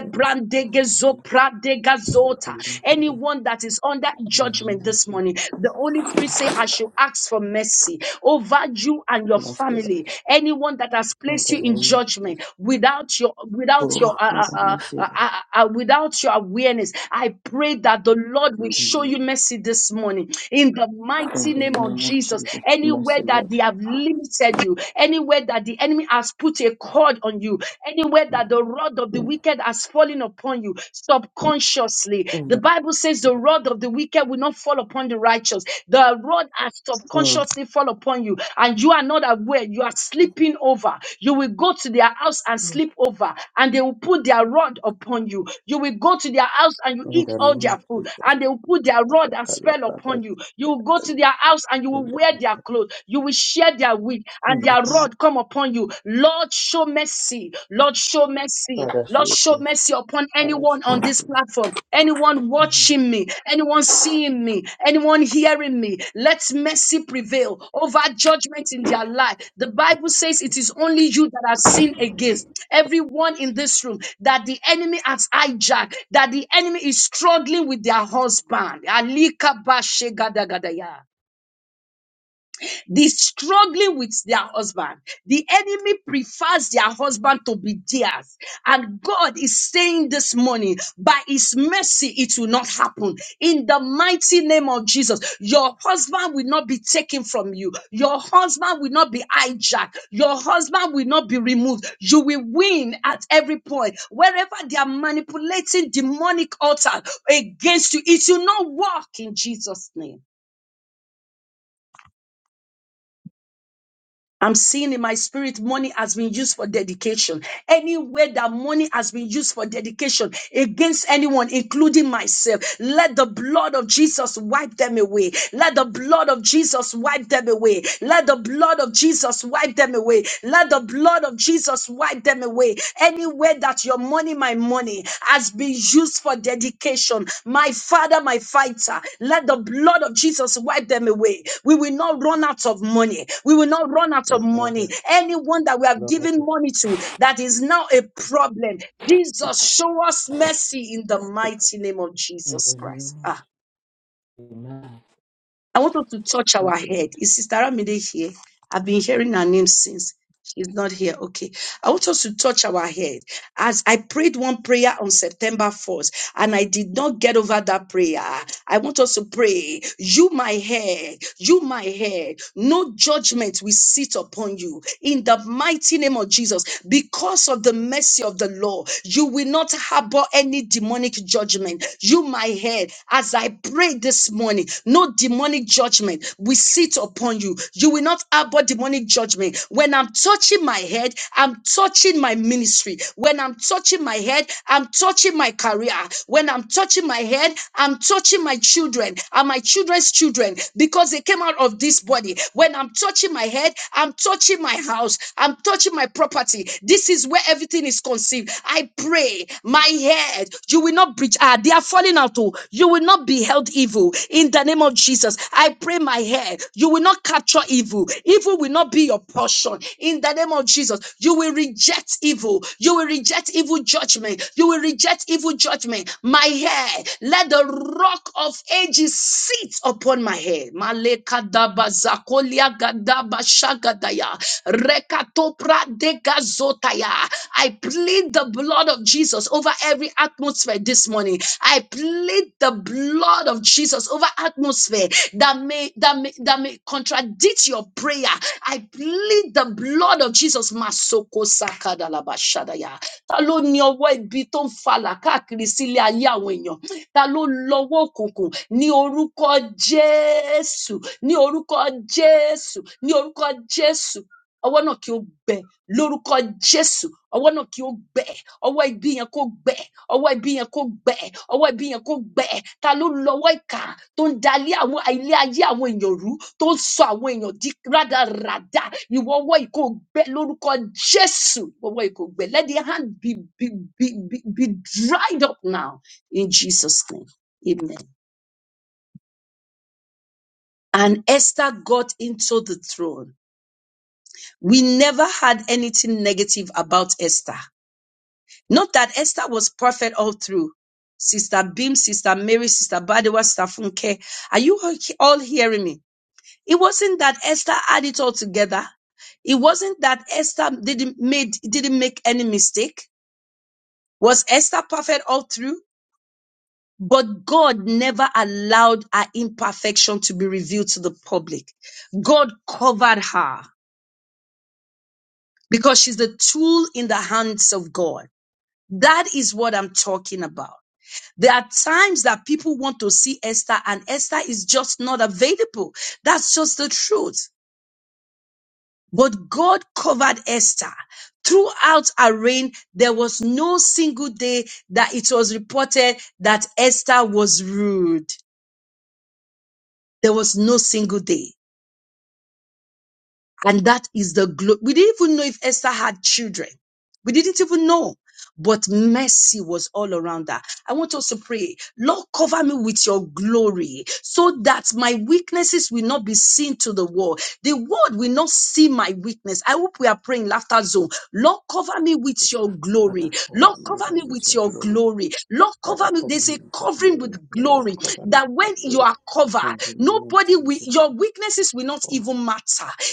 Father, shut them down. gezo prade Shut gazota. them down, O Lord. Anyone that is under In the name judgment of this Jesus. morning, the Holy Spirit say, I shall ask for mercy over you and your family. Anyone that has In placed the you in name of Jesus. judgment without your without your Oh, uh, uh, Father, uh, uh, mercy, uh, Lord. uh, uh, without your awareness, I pray that the Lord will In the show name you mercy this morning in the mighty in name the name of name of Jesus. Jesus, Anywhere mercy, that Lord. they have limited you, anywhere that the enemy has put a cord on you, anywhere that the rod of the wicked has fallen upon you subconsciously. In The the, Bible says the rod of the wicked will not fall upon the righteous. The rod has oh, subconsciously fall upon you, and you are not aware. You are sleeping over. You will go to their house and sleep over, and they will put their rod upon you. You will go to their house and you in eat the all name of their food, Jesus, and they will put their rod and spell Ayakalabragas. upon you. You will go to their their house and you In will the- wear their clothes. You will share their wheat and their rod come upon you. Lord, show mercy. Lord, show mercy. Father, show Lord, us show mercy. mercy upon Father, anyone show us on this platform, anyone watching me, anyone seeing me, anyone hearing me. Let mercy prevail over judgment in their life. The Bible says it is only you that have sinned against everyone in this room that the enemy has hijacked, that the enemy is struggling with their husband. Alika ba shega da ga da ya the struggling with their husband. The enemy prefers their husband to be theirs. And God is saying this morning, by his mercy, it will not happen. In the mighty name of Jesus, your husband will not be taken from you. Your husband will not be hijacked. Your husband will not be removed. You will win at every point. Wherever they are manipulating demonic altar against you, it will not work in Jesus' name. I'm seeing in my spirit money has been used for dedication. Anywhere that money has been used for dedication against anyone, including myself, let the blood of Jesus wipe them away. Let the blood of Jesus wipe them away. Let the blood of Jesus wipe them away. Let the blood of Jesus wipe them away. Anywhere that your money, my money, has been used for dedication. My father, my fighter, let the blood of Jesus wipe them away. We will not run out of money. We will not run out of your money. blood, Anyone that we have given Lord. money to that is now a problem, Jesus, show us mercy in the mighty name of In the Jesus Christ. name of Ah, Jesus, Amen. I want us to touch our mercy, head. Lord. Is Sister Ramide here? I've been hearing her name since. She's not here. Okay. I want us to touch our head. As I prayed one prayer on September fourth, and I did not get over that prayer, I want us to pray, You, my head, you, my head, no judgment will sit upon you in the mighty name of Jesus. Because of the mercy of the Lord, you will not harbor any demonic judgment. You, my head, as I pray this morning, no demonic judgment will sit upon you upon you. You will not harbor demonic judgment. When I'm touching my head, I'm touching my ministry. When I'm touching my head, I'm touching my career. When I'm touching my head, I'm touching my children and my children's children because they came out of this body. When I'm touching my head, I'm touching my house. I'm touching my property. This is where everything is conceived. I pray, my head, you will not breach. Ah, they are falling out. Oh, you will will not be held evil in the name of Jesus. I pray my hair. You will not capture evil. Evil will not be your portion in the name of Jesus. You will reject evil. You will reject evil judgment. You will reject evil judgment. My hair. Let the rock of ages sit upon my head. I plead the blood blood of Jesus over every atmosphere this morning. I plead the blood of Jesus over atmosphere that may that may that may contradict your prayer. I plead the blood of Jesus. Masoko sakadalabashadaya. Ta ló ní ọwọ́ ibi tó ń falà káàkiri sílé ayé àwọn èèyàn? Ta ló lọ́wọ́ òkùnkùn ní orúkọ Jésù? Ní orúkọ Jésù? Ní orúkọ Jésù? ọwọ́ náà kí ó gbẹ lórúkọ jésù ọwọ́ náà kí ó gbẹ ọwọ́ ibi yẹn kó gbẹ ọwọ́ ibi yẹn kó gbẹ ọwọ́ ibi yẹn kó gbẹ ta ló lọ́wọ́ ìkà tó ń dalé àwọn ilé ayé àwọn èèyàn rú tó ń sọ àwọn èèyàn di rádaràda ìwọ ọwọ́ yìí kó gbẹ lórúkọ jésù ìwọ ọwọ́ yìí kó gbẹ let the hand be be be be be dried up now in jesus name amen. and esther got into the throne we never had anything negative about Esther. Note that Esther was perfect all through. Sister Beam, Sister Mary, Sister Badewa, Sister Funke. Are you all hearing me? It wasn't that Esther had it all together. It wasn't that Esther didn't made didn't make any mistake. Was Esther perfect all through? But God never allowed her imperfection to be revealed to the public. God covered her because she's the tool in the hands of God. That is what I'm talking about. There are times that people want to see Esther and Esther is just not available. That's just the truth. But God covered Esther. Throughout her reign, there was no single day that it was reported that Esther was rude. There was no single day. And that is the glory. We didn't even know if Esther had children. We didn't even know. but mercy was all around her. I want us to pray, Lord, cover me with your glory so that my weaknesses will not be seen to the world. The world will not see my weakness. I hope we are praying laughter zone. Lord, cover me with your glory. Father, Lord, cover me, cover me Lord, with with your your glory. glory. Lord, cover Father, me. cover There's me a with your covering glory. with Lord, glory cover me that when with your you glory. are In covered, the name of nobody will, Jesus, your weaknesses will not oh, even matter.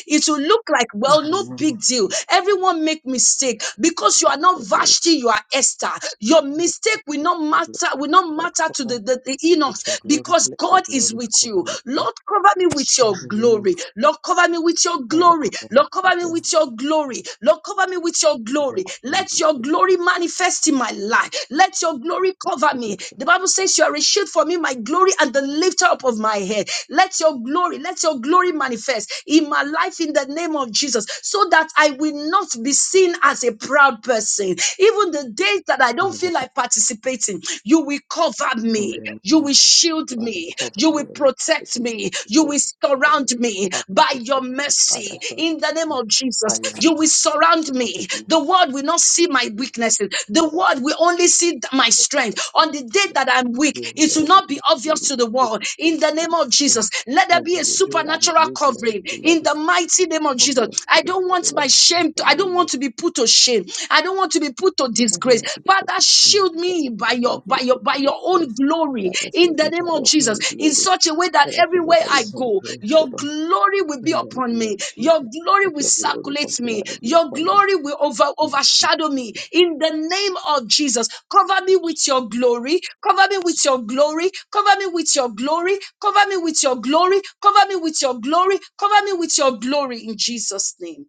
It will look like, in well, the no name of big deal. Jesus, Everyone make mistake because you are you are not Lord. Vashti, you are Esther. Your Father, mistake cover will me with not your glory. matter, will not Lord, matter to cover the, the, the Enochs With your glory, because let your God is glory with cover you. me today. Lord, cover me with In your the name of glory. Lord, cover me with your Father, glory. cover me Lord, cover me today. with your glory. Lord, cover me with your With your glory. cover Let me your today. glory manifest in my life. Let your glory cover Let me. your The Bible says you are a shield for me, my glory and the lifter up of my head. Let your glory, let your glory manifest in my life in the name of Jesus so that I will not be seen as a proud person, even the days that I don't glory in feel the, like participating, you will cover in the me, you name will of shield Father, me, cover you me. will O Lord. Let protect your me, you Lord will cover surround me. me Father, by your protect me. Father, mercy. shelter In the name me. of By Jesus, your you mercy, will surround cover me. me. The world will not see my weaknesses, the Father, world will only see th- my strength. protect me. On the day that I'm weak, You it will Lord, will not be not see obvious me. to the You world. can In the see name my of sin. Jesus, let there In be a the day I'm supernatural weak, Lord, covering the love in the is mighty name of Jesus. obvious to I the, don't to want the my world. In shame I the don't name of want to be put to shame. I don't want to be put to I don't disgrace. want to be put Father, to shame. shield Father. me I by don't your want to be by your put to by your own disgrace. glory Father, in fill the me by name of your Jesus, own in glory. such a way that Father, fill me everywhere by I your own go, grace, O your Lord. glory will be In the upon name of me, your Jesus, glory let will your glory circulate me, continually be your upon me. glory will over, In The name overshadow me in the name of Jesus. Cover me with your glory, cover me with your glory, cover me with your glory, cover me with your glory, cover me with your glory, cover me with your glory in Jesus' name.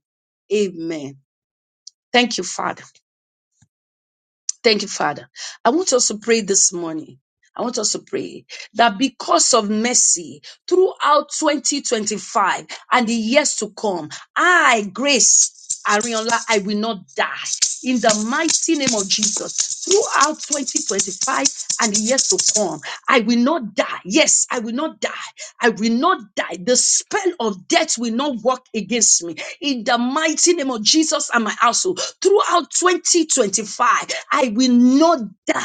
Amen. Thank you, Father. Thank you, Father. I want us to pray this morning. I want us to pray that because of mercy throughout 2025 and the years to come, I, Grace Ariola, I will not die. In the mighty name of Jesus, throughout 2025 and the years to come, I will not die. Yes, I will not die. I will not die. The spell of death will not work against me. In the mighty name of Jesus and my household, throughout 2025, I will not die.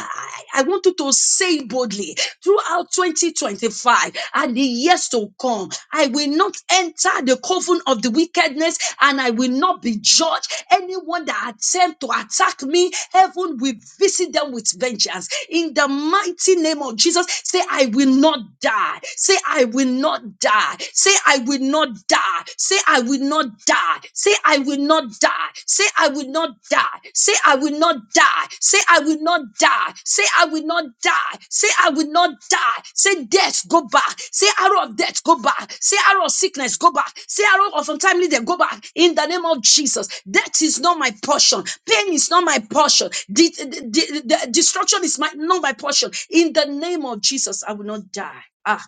I want you to say boldly throughout 2025 and the years to come, I will not enter the coven of the wickedness and I will not be judged. Anyone that attempt to attack me, heaven will visit them with vengeance. In the mighty name of Jesus, say, I will not die. Say, Say, I will not die. Say, I will not die. Say, I will not die. Say, I will not die. Say, I will not die. Say, I will not die. Say, I will not die. Say, I will not die. Say, I will not die. Say, death, go back. Say, arrow of death, go back. Say, arrow of sickness, go back. Say, arrow of untimely death, go back. In the name of Jesus. Death is not my portion. Pain is not my portion. De- de- de- de- destruction is my, not my portion. In the name of Jesus, I will not die. Ah.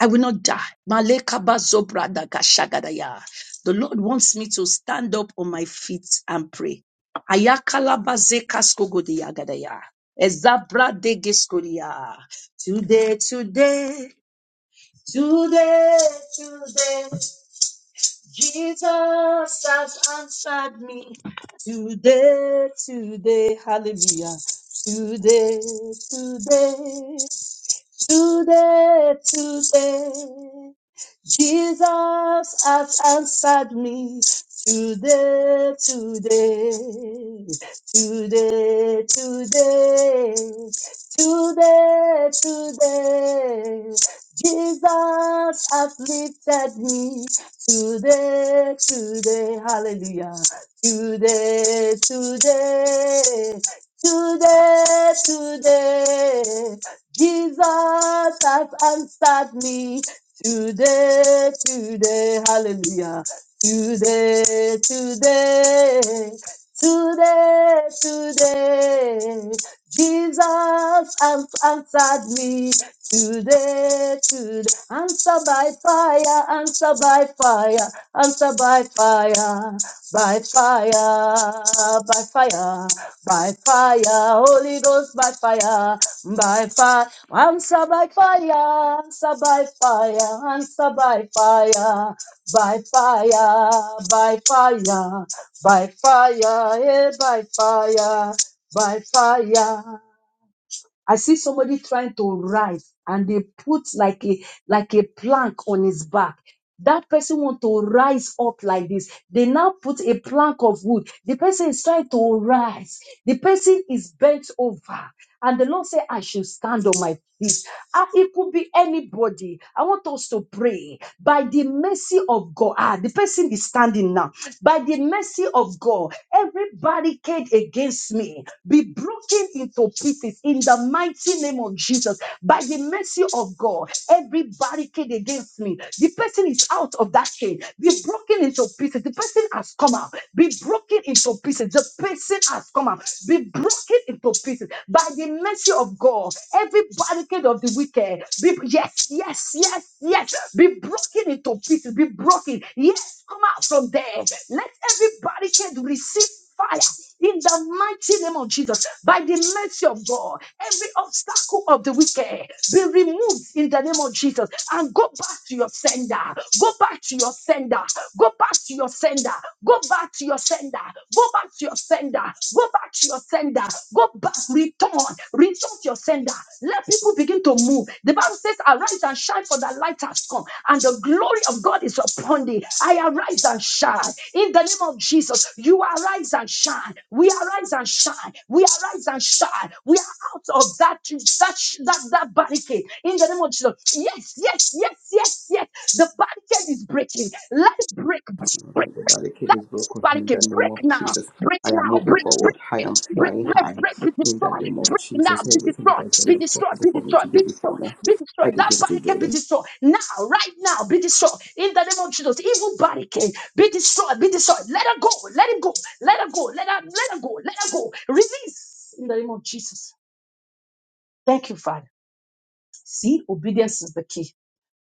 I will not die. Maleka bazobra daga shagadaya. The Lord wants me to stand up on my feet and pray. Ayakala bazeka skogodia gadaya. Ezabra dege skodia. Today, today, today, today, Jesus has answered me. Today, today, hallelujah. Today, today, today, today. Jesus has answered me today, today, today, today, today, today. Jesus has lifted me today, today, hallelujah. Today, today, today, today. Jesus has answered me Today, today, hallelujah. Today, today, today, today. Jesus has answered me today, today. Answer by fire, answer by fire, answer by fire, by fire, by fire, by fire. Holy Ghost by fire, by fire. Answer by fire, answer by fire, answer by fire, by fire, by fire, by fire, eh, by fire, by fire. I see somebody trying to rise and they put like a like a plank on his back. That person want to rise up like this. They now put a plank of wood. The person is trying to rise. The person is bent over. And the Lord said, I should stand on my feet. Ah, it could be anybody. I want us to pray by the mercy of God. Ah, the person is standing now. By the mercy of God, every barricade against me be broken into pieces in the mighty name of Jesus. By the mercy of God, every barricade against me, the person is out of that chain, be broken into pieces. The person has come out. Be broken into pieces. The person has come out. Be broken into pieces by the mercy of God. Every barricade of the wicked. Be, yes, yes, yes, yes. Be broken into pieces. Be broken. Yes, come out from there. Let every barricade receive fire in the mighty name of Jesus, by the mercy of God, every obstacle of the wicked be removed in the name of Jesus and go back to your sender. Go back to your sender. Go back to your sender. Go back to your sender. Go back to your sender. Go back to your sender sender. Go back, return, return to your sender. Let people begin to move. The Bible says, Arise and shine, for the light has come, and the glory of God is upon thee. I arise and shine. In the name of Jesus, you arise and shine. We arise and shine. We arise and shine. We are out of that, that, that, that barricade. In the name of Jesus. Yes, yes, yes, yes, yes. The barricade is breaking. Let it break break, of- the barricade that is means broken somebody in can the name break of now, Jesus. break I am now, moving break, break, forward. I am break, flying break, high. break, be In the destroyed, name of break now, Jesus, be everything destroyed, that is be not destroyed, possible be for me destroyed, to be do before destroyed, now, be I destroyed. That begin body to do can be them. destroyed now, right now, be destroyed. In the name of Jesus, evil body can be destroyed, be destroyed. Let her go, let it go, let her go, let her, let her go, let her go. Release in the name of Jesus. Thank you, Father. See, obedience is the key.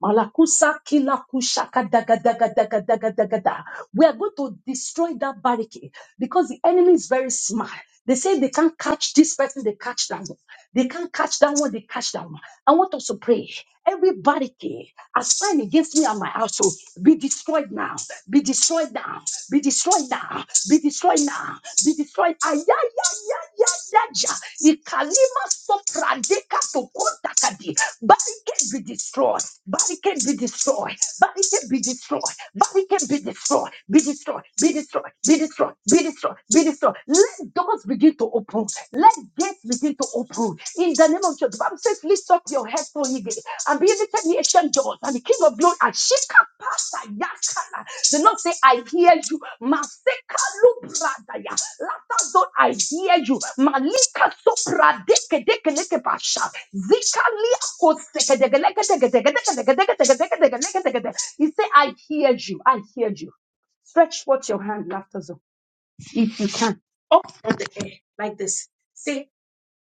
Malakusa kila kushaka daga daga daga daga daga da. We are going to destroy that barricade because the enemy is very smart. They say they can't catch this person, they catch that one. They can't catch that one, they catch that one. I want us to pray. Every barricade assigned against me and my household be destroyed now, be destroyed now, be destroyed now, be destroyed now, be destroyed. Ay, ay, ay, ay, daja, ikalima sopradeka to kontakadi. Barricade be destroyed. Barricade be destroyed. Barricade be destroyed. Barricade be destroyed. Be destroyed. Be destroyed. Be destroyed. Be destroyed. Be destroyed. Let doors begin to open. Let gates begin to open. In the name of Jesus, the Bible says, lift up your head for ye gate, and be lifted ye ancient doors, and the King of glory and shake up the not say, I hear you. Maseka lubradaya. Lata zone, I hear you. Malika sopra deke deke deke basha. Zika lia koseke deke deke deke deke deke deke deke deke deke deke deke deke deke. He say, I hear you. I hear you. Stretch forth your hand, laughter zone, if you can. Up there, like this.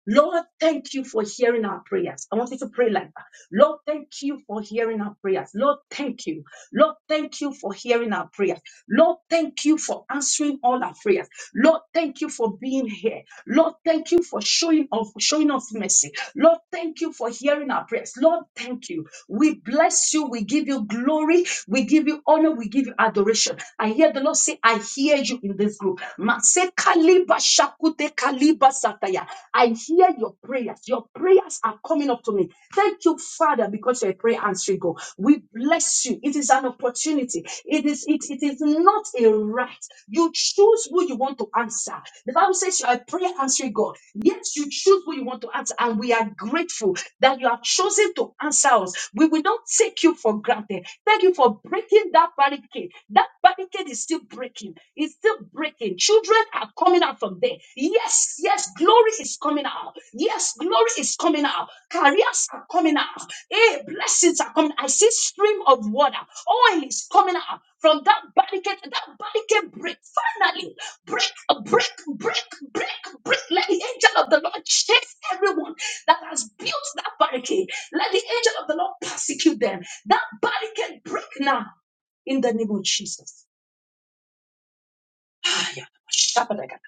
Lord, thank you for hearing our prayers. I want you to pray like that. Lord, thank you for hearing our prayers. Lord, thank you. Lord, thank you for hearing our prayers. Lord, thank you for answering all our prayers. Lord, thank you for being here. Lord, thank you for showing of showing us mercy. Lord, thank you for hearing our prayers. Lord, thank you. We bless you. We give you glory. We give you honor. We give you adoration. I hear the Lord say, I hear you in this group. Masekali bashakute kali basataya. I hear your prayers. Your prayers are coming up to me. Thank you, Father, because you're a prayer answering God. We bless you. It is an opportunity. It is it, it is not a right. You choose who you want to answer. The Bible says you are a prayer answering God. Yes, you choose who you want to answer, and we are grateful that you have chosen to answer us. We will not take you for granted. Thank you for breaking that barricade. That barricade is still breaking. It's still breaking. Children are coming out from there. Yes, yes, glory is coming out. Yes, glory is coming out. Careers are coming out. Hey, blessings are coming. I see stream of water. Oil is coming out from that barricade. That barricade break. Finally, break, break, break, break, break. Let the angel of the Lord chase everyone that has built that barricade. Let the angel of the Lord persecute them. That barricade break now in the name of Jesus. Shabadaga.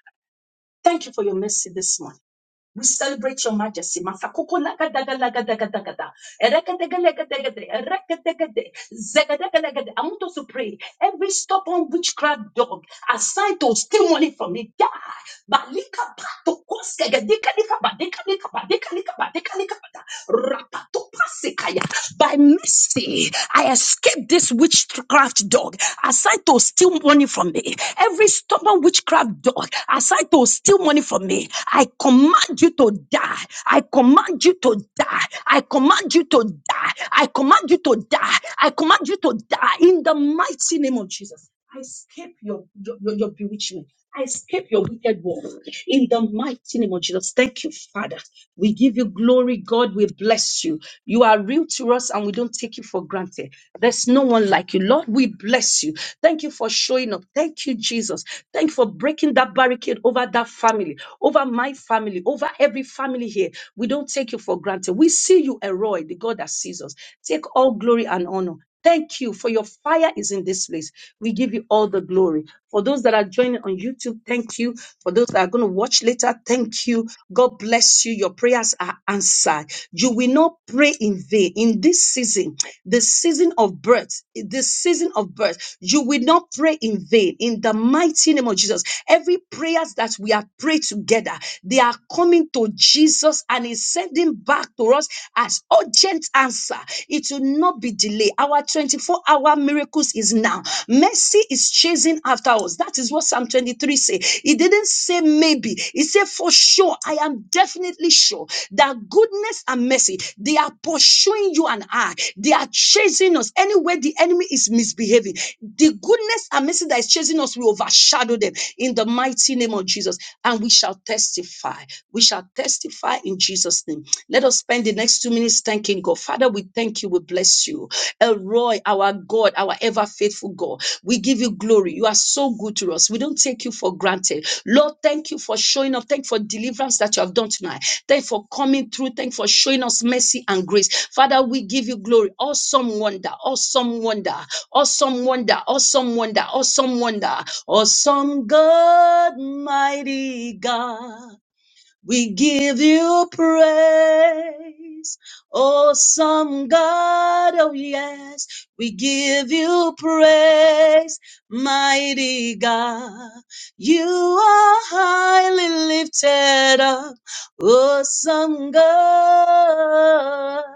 Thank you for your mercy this morning. We celebrate your majesty. Masakoko laga daga laga daga daga da. Ereka daga lega daga de. Ereka daga de. Zegedegelegede. I want us to pray. Every stubborn witchcraft dog assigned to steal money from me, die. Balika pato koskege, dika dika ba, dika dika ba, dika dika ba, dika dika ba da. Rapato pasikaya. By mercy, I escaped this witchcraft dog assigned to steal money from me. Every stubborn witchcraft dog assigned to steal money from me, I command you to die. I command you to die. I command you to die. I command you to to die. I command you to die in the mighty name of Jesus. I escape your, your, your, your bewitchment. I escape your wicked work in the mighty name of Jesus. Thank you, Father. We give you glory, God. We bless you. You are real to us and we don't take you for granted. There's no one like you. Lord, we bless you. Thank you for showing up. Thank you, Jesus. Thank you for breaking that barricade over that family, over my family, over every family here. We don't take you for granted. We see you, Elroy, the God that sees us. Take all glory and honor. Thank you for your fire is in this place. We give you all the glory. For those that are joining on YouTube, thank you. For those that are going to watch later, thank you. God bless you. Your prayers are answered. You will not pray in vain. In this season, the season of birth, the season of birth, you will not pray in vain. In the mighty name of Jesus, every prayers that we have prayed together, they are coming to Jesus and He's sending back to us as urgent answer. It will not be delayed. Our 24 hour miracles is now. Mercy is chasing after us. That is what Psalm 23 say. He didn't say maybe. He said for sure sure, I am definitely sure that goodness and mercy, they are pursuing you and I. They are chasing us. Anywhere the enemy is misbehaving, the goodness and mercy that is chasing us will overshadow them in the mighty name of Jesus. And we shall testify. We shall testify in Jesus' name. Let us spend the next two minutes thanking God. Father, we thank you. We bless you. Elroy, our God, our ever faithful God. We give you glory. You are so good to us. We don't take you for granted. Lord, thank you for showing up. Thank you for deliverance that you have done tonight. Thank you for coming through. Thank you for showing us mercy and grace. Father, we give you glory. Awesome wonder, awesome wonder, awesome wonder, awesome wonder, awesome wonder, awesome God, mighty God. We give you praise, awesome God. Oh, yes, we give you praise, mighty God. You are highly lifted up, awesome God.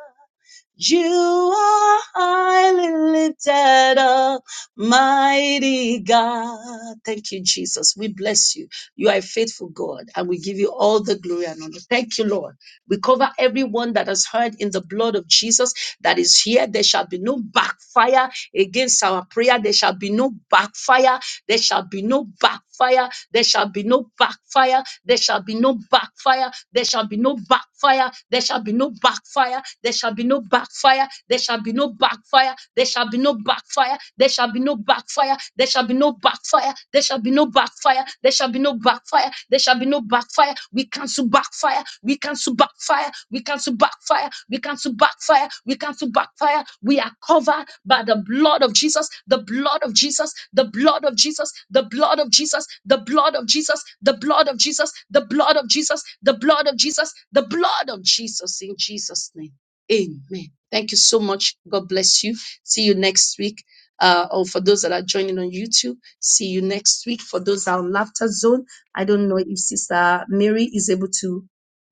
You are highly lifted up, mighty God. Thank you, Jesus. We bless you. You are a faithful God, and we give you all the glory and honor. Thank you, Lord. We cover everyone that has heard in the blood of Jesus that is here. There shall be no backfire against our prayer. There shall be no backfire. There shall be no backfire. There shall be no backfire. There shall be no backfire. There shall be no backfire. There shall be no backfire. There shall be no backfire. There shall be no backfire. There shall be no backfire. There shall be no backfire. There shall be no backfire. There shall be no backfire. There shall be no backfire. There shall be no backfire. We cancel backfire. We cancel backfire backfire. We cancel backfire. We cancel backfire. We cancel backfire. We are covered by the blood of Jesus, the blood of Jesus, the blood of Jesus, the blood of Jesus, the blood of Jesus, the blood of Jesus, the blood of Jesus, the blood of Jesus, the blood of Jesus in Jesus' name. Amen. Thank you so much. God bless you. See you next week. Uh, or for those that are joining on YouTube, see you next week. For those that are on Laughter Zone, I don't know if Sister Mary is able to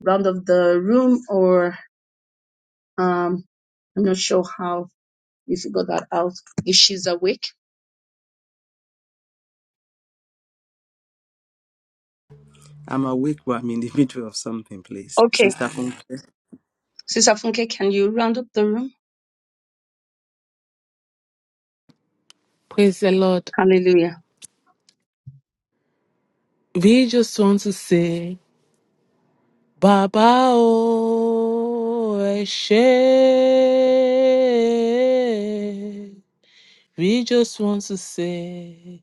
round of the room or um I'm not sure how we figure that out if she's awake. I'm awake, but I'm in the middle of something, please. Okay. Sister Funke. Sister Funke, can you round up the room? Praise the Lord. Hallelujah. We just want to say, Baba O Eshe. We just want to say,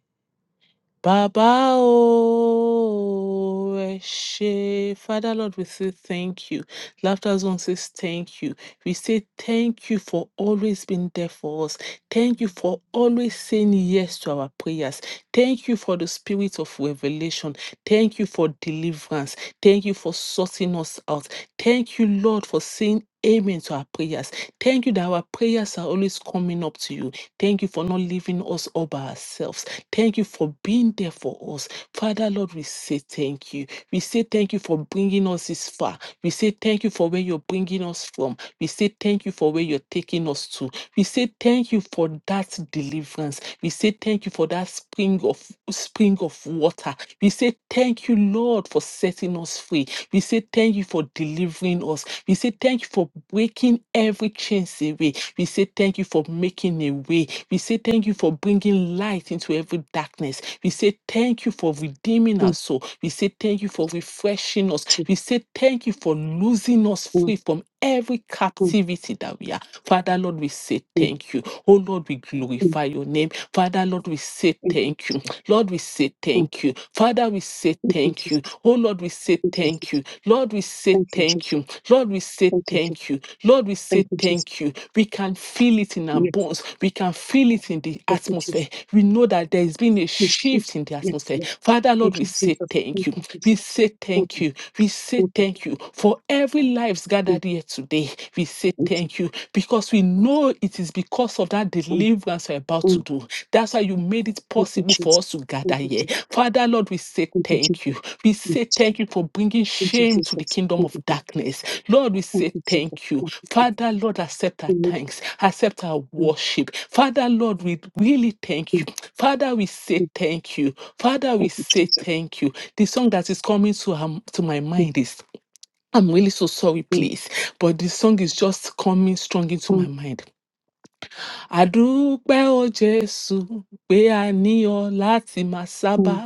Baba O Eshe. Father Lord, we say thank you. Laughter Zone says thank you. We say thank you for always being there for us. Thank you for always saying yes to our prayers. Thank you for the spirit of revelation. Thank you for deliverance. Thank you for sorting us out. Thank you, Lord, for saying amen to our prayers. Thank you that our prayers are always coming up to you. Thank you for not leaving us all by ourselves. Thank you for being there for us. Father, Lord, we say thank you. We say thank you for bringing us this far. We say thank you for where you're bringing us from. We say thank you for where you're taking us to. We say thank you for that deliverance. We say thank you for that spring of spring of water. We say thank you, Lord, for setting us free. We say thank you for delivering us. We say thank you for breaking every chains away. We say thank you for making a way. We say thank you for bringing light into every darkness. We say thank you for redeeming Mm, us soul. We say thank you for refreshing us. Jesus. We say thank you for losing us Mm, free from every mm, captivity that we are. Father, Lord, we say mm, thank you. Oh, Lord, we mm. glorify your name. Father, Lord, we say Thank you. thank you. Lord, we say Mm, thank you. Father, we say Thank you, thank you. Jesus. Oh Lord, we say Thank you, thank Jesus. you. Lord, we say Thank you, thank Jesus. you. Lord, we say Thank you, Jesus. thank you. Lord, we say Thank you, Jesus. thank you. We can feel it in our Yes. bones. We can feel it in the Thank you, Jesus. atmosphere. We know that there has been a Yes, yes, shift in the yes. atmosphere. yes. Father, Lord, Thank we you, say Jesus. Thank thank you. you, Jesus. We say Thank thank you. We say you, thank you, thank you for every lives Mm, gathered here today. We say thank you, thank you because we know it is because of that Mm, deliverance we're about to mm. do. That's why you made it Thank you, possible Jesus. for us to gather Thank you, here. Jesus. Father, Lord, we say Thank you, Jesus. thank you. We say Yes. thank you for bringing Thank you, shame to the Jesus. kingdom Thank of you, Jesus. darkness. Lord, we Thank say you, thank Jesus. you. Father, Lord, accept our Thank you, Jesus. thanks, accept our Bem, worship. Father, Lord, we really thank bem. you. Father, we say thank you. Father, we Thank you, say Jesus. thank you. The song that is coming to, um, to my Thank mind is I'm really so sorry, please. But the song is just coming strong into my mind àdúpẹ́ o jésù pé a ní ọ láti máa sábà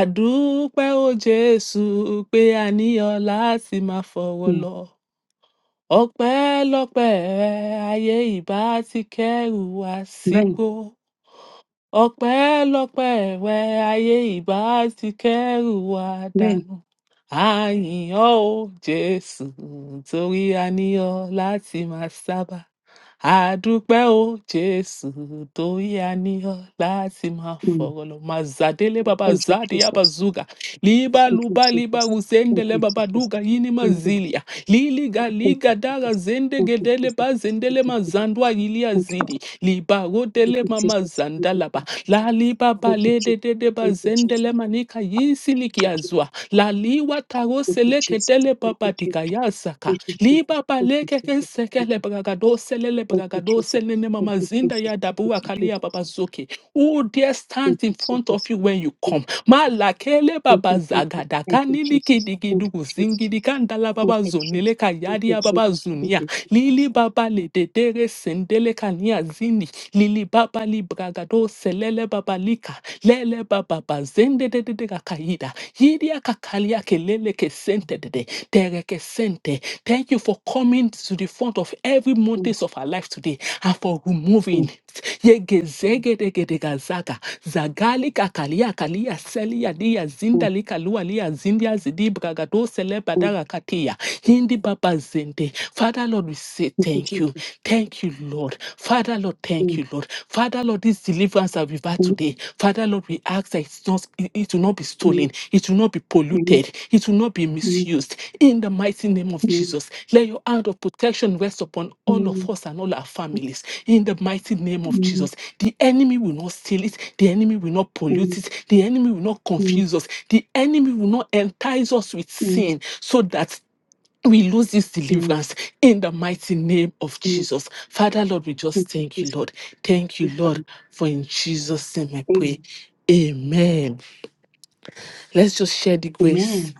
àdúpẹ́ o jésù pé a ní ọ láti máa fọ̀rọ̀ lọ ọpẹ́lọpẹ́ rẹ ayé ìbá ti kẹ́rù wa sígbó ọpẹ́lọpẹ́ rẹ ayé ìbá ti kẹ́rù wa dànù àyìn ọ́ o jésù torí a ní ọ láti máa sábà àdúpẹ́ o jésù tó yá ní ọ láti máa fọ̀rọ̀ lọ máa zàdélé bàbá zàdíyà bazuga you, libaluba Jesus. libaru Thank zendele you, Jesus. babaduga yini Thank you, mazilia liliga thank liga you, dara Jesus. Thank you, zendegedele Jesus. bazendele Thank you, mazandwa ilia thank zidi liba you, thank rodele mama libarodele you, Jesus. Thank you, mamazandalaba thank lalibaba you, Jesus. lededede Thank you, Jesus. Thank you, Jesus. Thank you, bazendele manika yisilikiazua laliwa Jesus. taroseleketele Thank you, Jesus. babatikayasaka Thank you, Jesus. Liba Thank you, baleke ke sekele bragado selele bragado Jesus. selene Thank mama you, zinda Jesus. ya Thank dabua you, Jesus. Thank you, kalia Jesus. babazuki. Who dare Thank stand in you, front Jesus. of you when you come? Malakele Thank baba zagada you, kanili Jesus. Thank you, kidigidu Jesus. zingidi kandala Thank baba you, Jesus. zunile Thank kayadi you, ya Jesus. baba Thank zunia. you, Jesus. Lili baba le dedere sendele kania zini. Lili baba li bragado selele baba lika. Lele baba bazende de de de kakaida. Yidi ya kakalia kelele kesente de de presente. Thank you for coming to the front of every Mm, mountains of our life today and for removing mm, it. Yegezegedegedekazaga, zagalika kalia kalia selia dia mm, zinda lika lua lia zindia zidibragado mm. selebadaga katia. Hindi baba zende. Father Lord, we say Thank you, thank you. Jesus. Thank you, Lord. Father Lord, thank Mm, you, Lord. Father Lord, this deliverance deliverance that we've had mm, today. Father, Lord, we ask that it's not, it, it will not be mm, stolen, it will not be mm, polluted, it will not be mm, misused. In the mighty name of mm, Jesus, let your hand of protection rest upon mm, all of mm, us and all our families. In the mighty name of mm, Jesus, the enemy will not steal it, the enemy will not pollute it, the enemy will not mm, confuse us, the enemy will not entice us with mm, sin so that we lose this mm, deliverance in the mighty name of mm. Jesus. Father, Lord, we Thank just you, thank you, Jesus. Lord. Thank you, Thank you, Father. Lord, for in Jesus' name I pray. Amen. Amen. Let's just share the Amen. grace,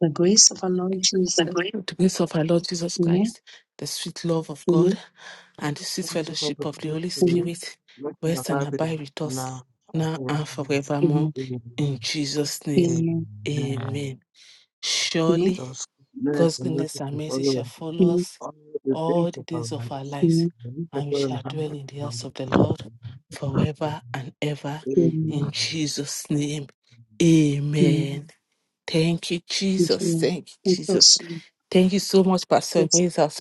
The grace of our Lord Jesus. the grace of our Lord Jesus Amen. Christ, the sweet love of God, Amen. and the sweet fellowship of fellowship the of the Holy Holy Spirit, Amen. Spirit let it rest and abide with us abide with us now and now and forever. forevermore. Amen. In Jesus' name, Amen. Amen. amen. Amen. Surely. Thus, mercy God's and mercy goodness and shall mercy follow shall us follow Amen. us all the days all the of our days of our lives. lives, Amen. And we shall and we dwell in the shall house dwell of in the the house of the Lord Lord. forever and ever. In Amen. Amen. Jesus' name, Amen. amen. Thank you, Thank you, Jesus. Lord. Thank you, Thank you Jesus. so Thank you so much, Pastor much. Grace. That's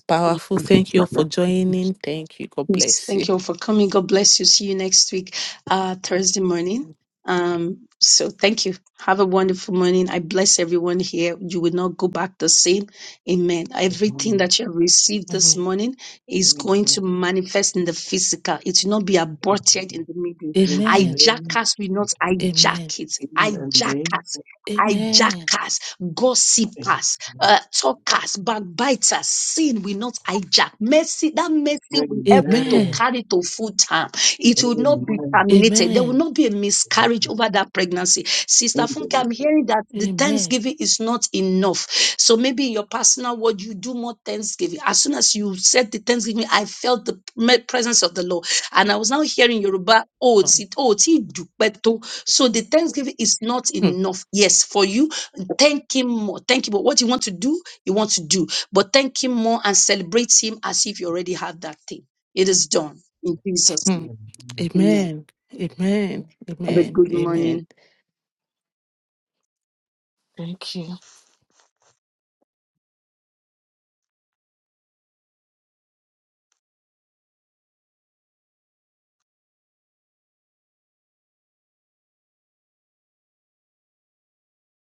Yes. powerful. Thank you all for joining. Thank you. God Yes, bless thank you. you all for coming. God bless you. See you next week, uh, Thursday morning. Um, so thank you. Have a wonderful morning. I bless everyone here. You will not go back the same. Amen. Everything Amen. that you have received this Amen. morning is going to Amen. manifest in the physical. It will not be aborted Amen. in the middle. In the Amen. name, Hijackers will not Amen. hijack it. in the name Hijackers. of Jesus. Amen. Hijackers, Amen. gossipers, uh, talkers, backbiters, sin will not hijack. Mercy, that mercy will help you to Amen. Amen. carry to full term. It will not be terminated. There will Amen. not be a miscarriage over that pregnancy. Sister Amen. Funke, I'm hearing that the Amen. Thanksgiving is not enough. So maybe in your personal word, you do more Thanksgiving. As soon as you said the Thanksgiving, I felt the me- presence of the Lord. And I was now hearing Yoruba, oh, Um, ti- oh, ti dupe to." so the Thanksgiving is not enough. Yes, for you Thank Him more. Thank Him more. What you want to do, you want to do. But thank Him more. I'm asking. It is done. In Jesus' hmm. name. Amen. Amen. Amen. Amen. Have a Amen. good morning. Amen. Thank you.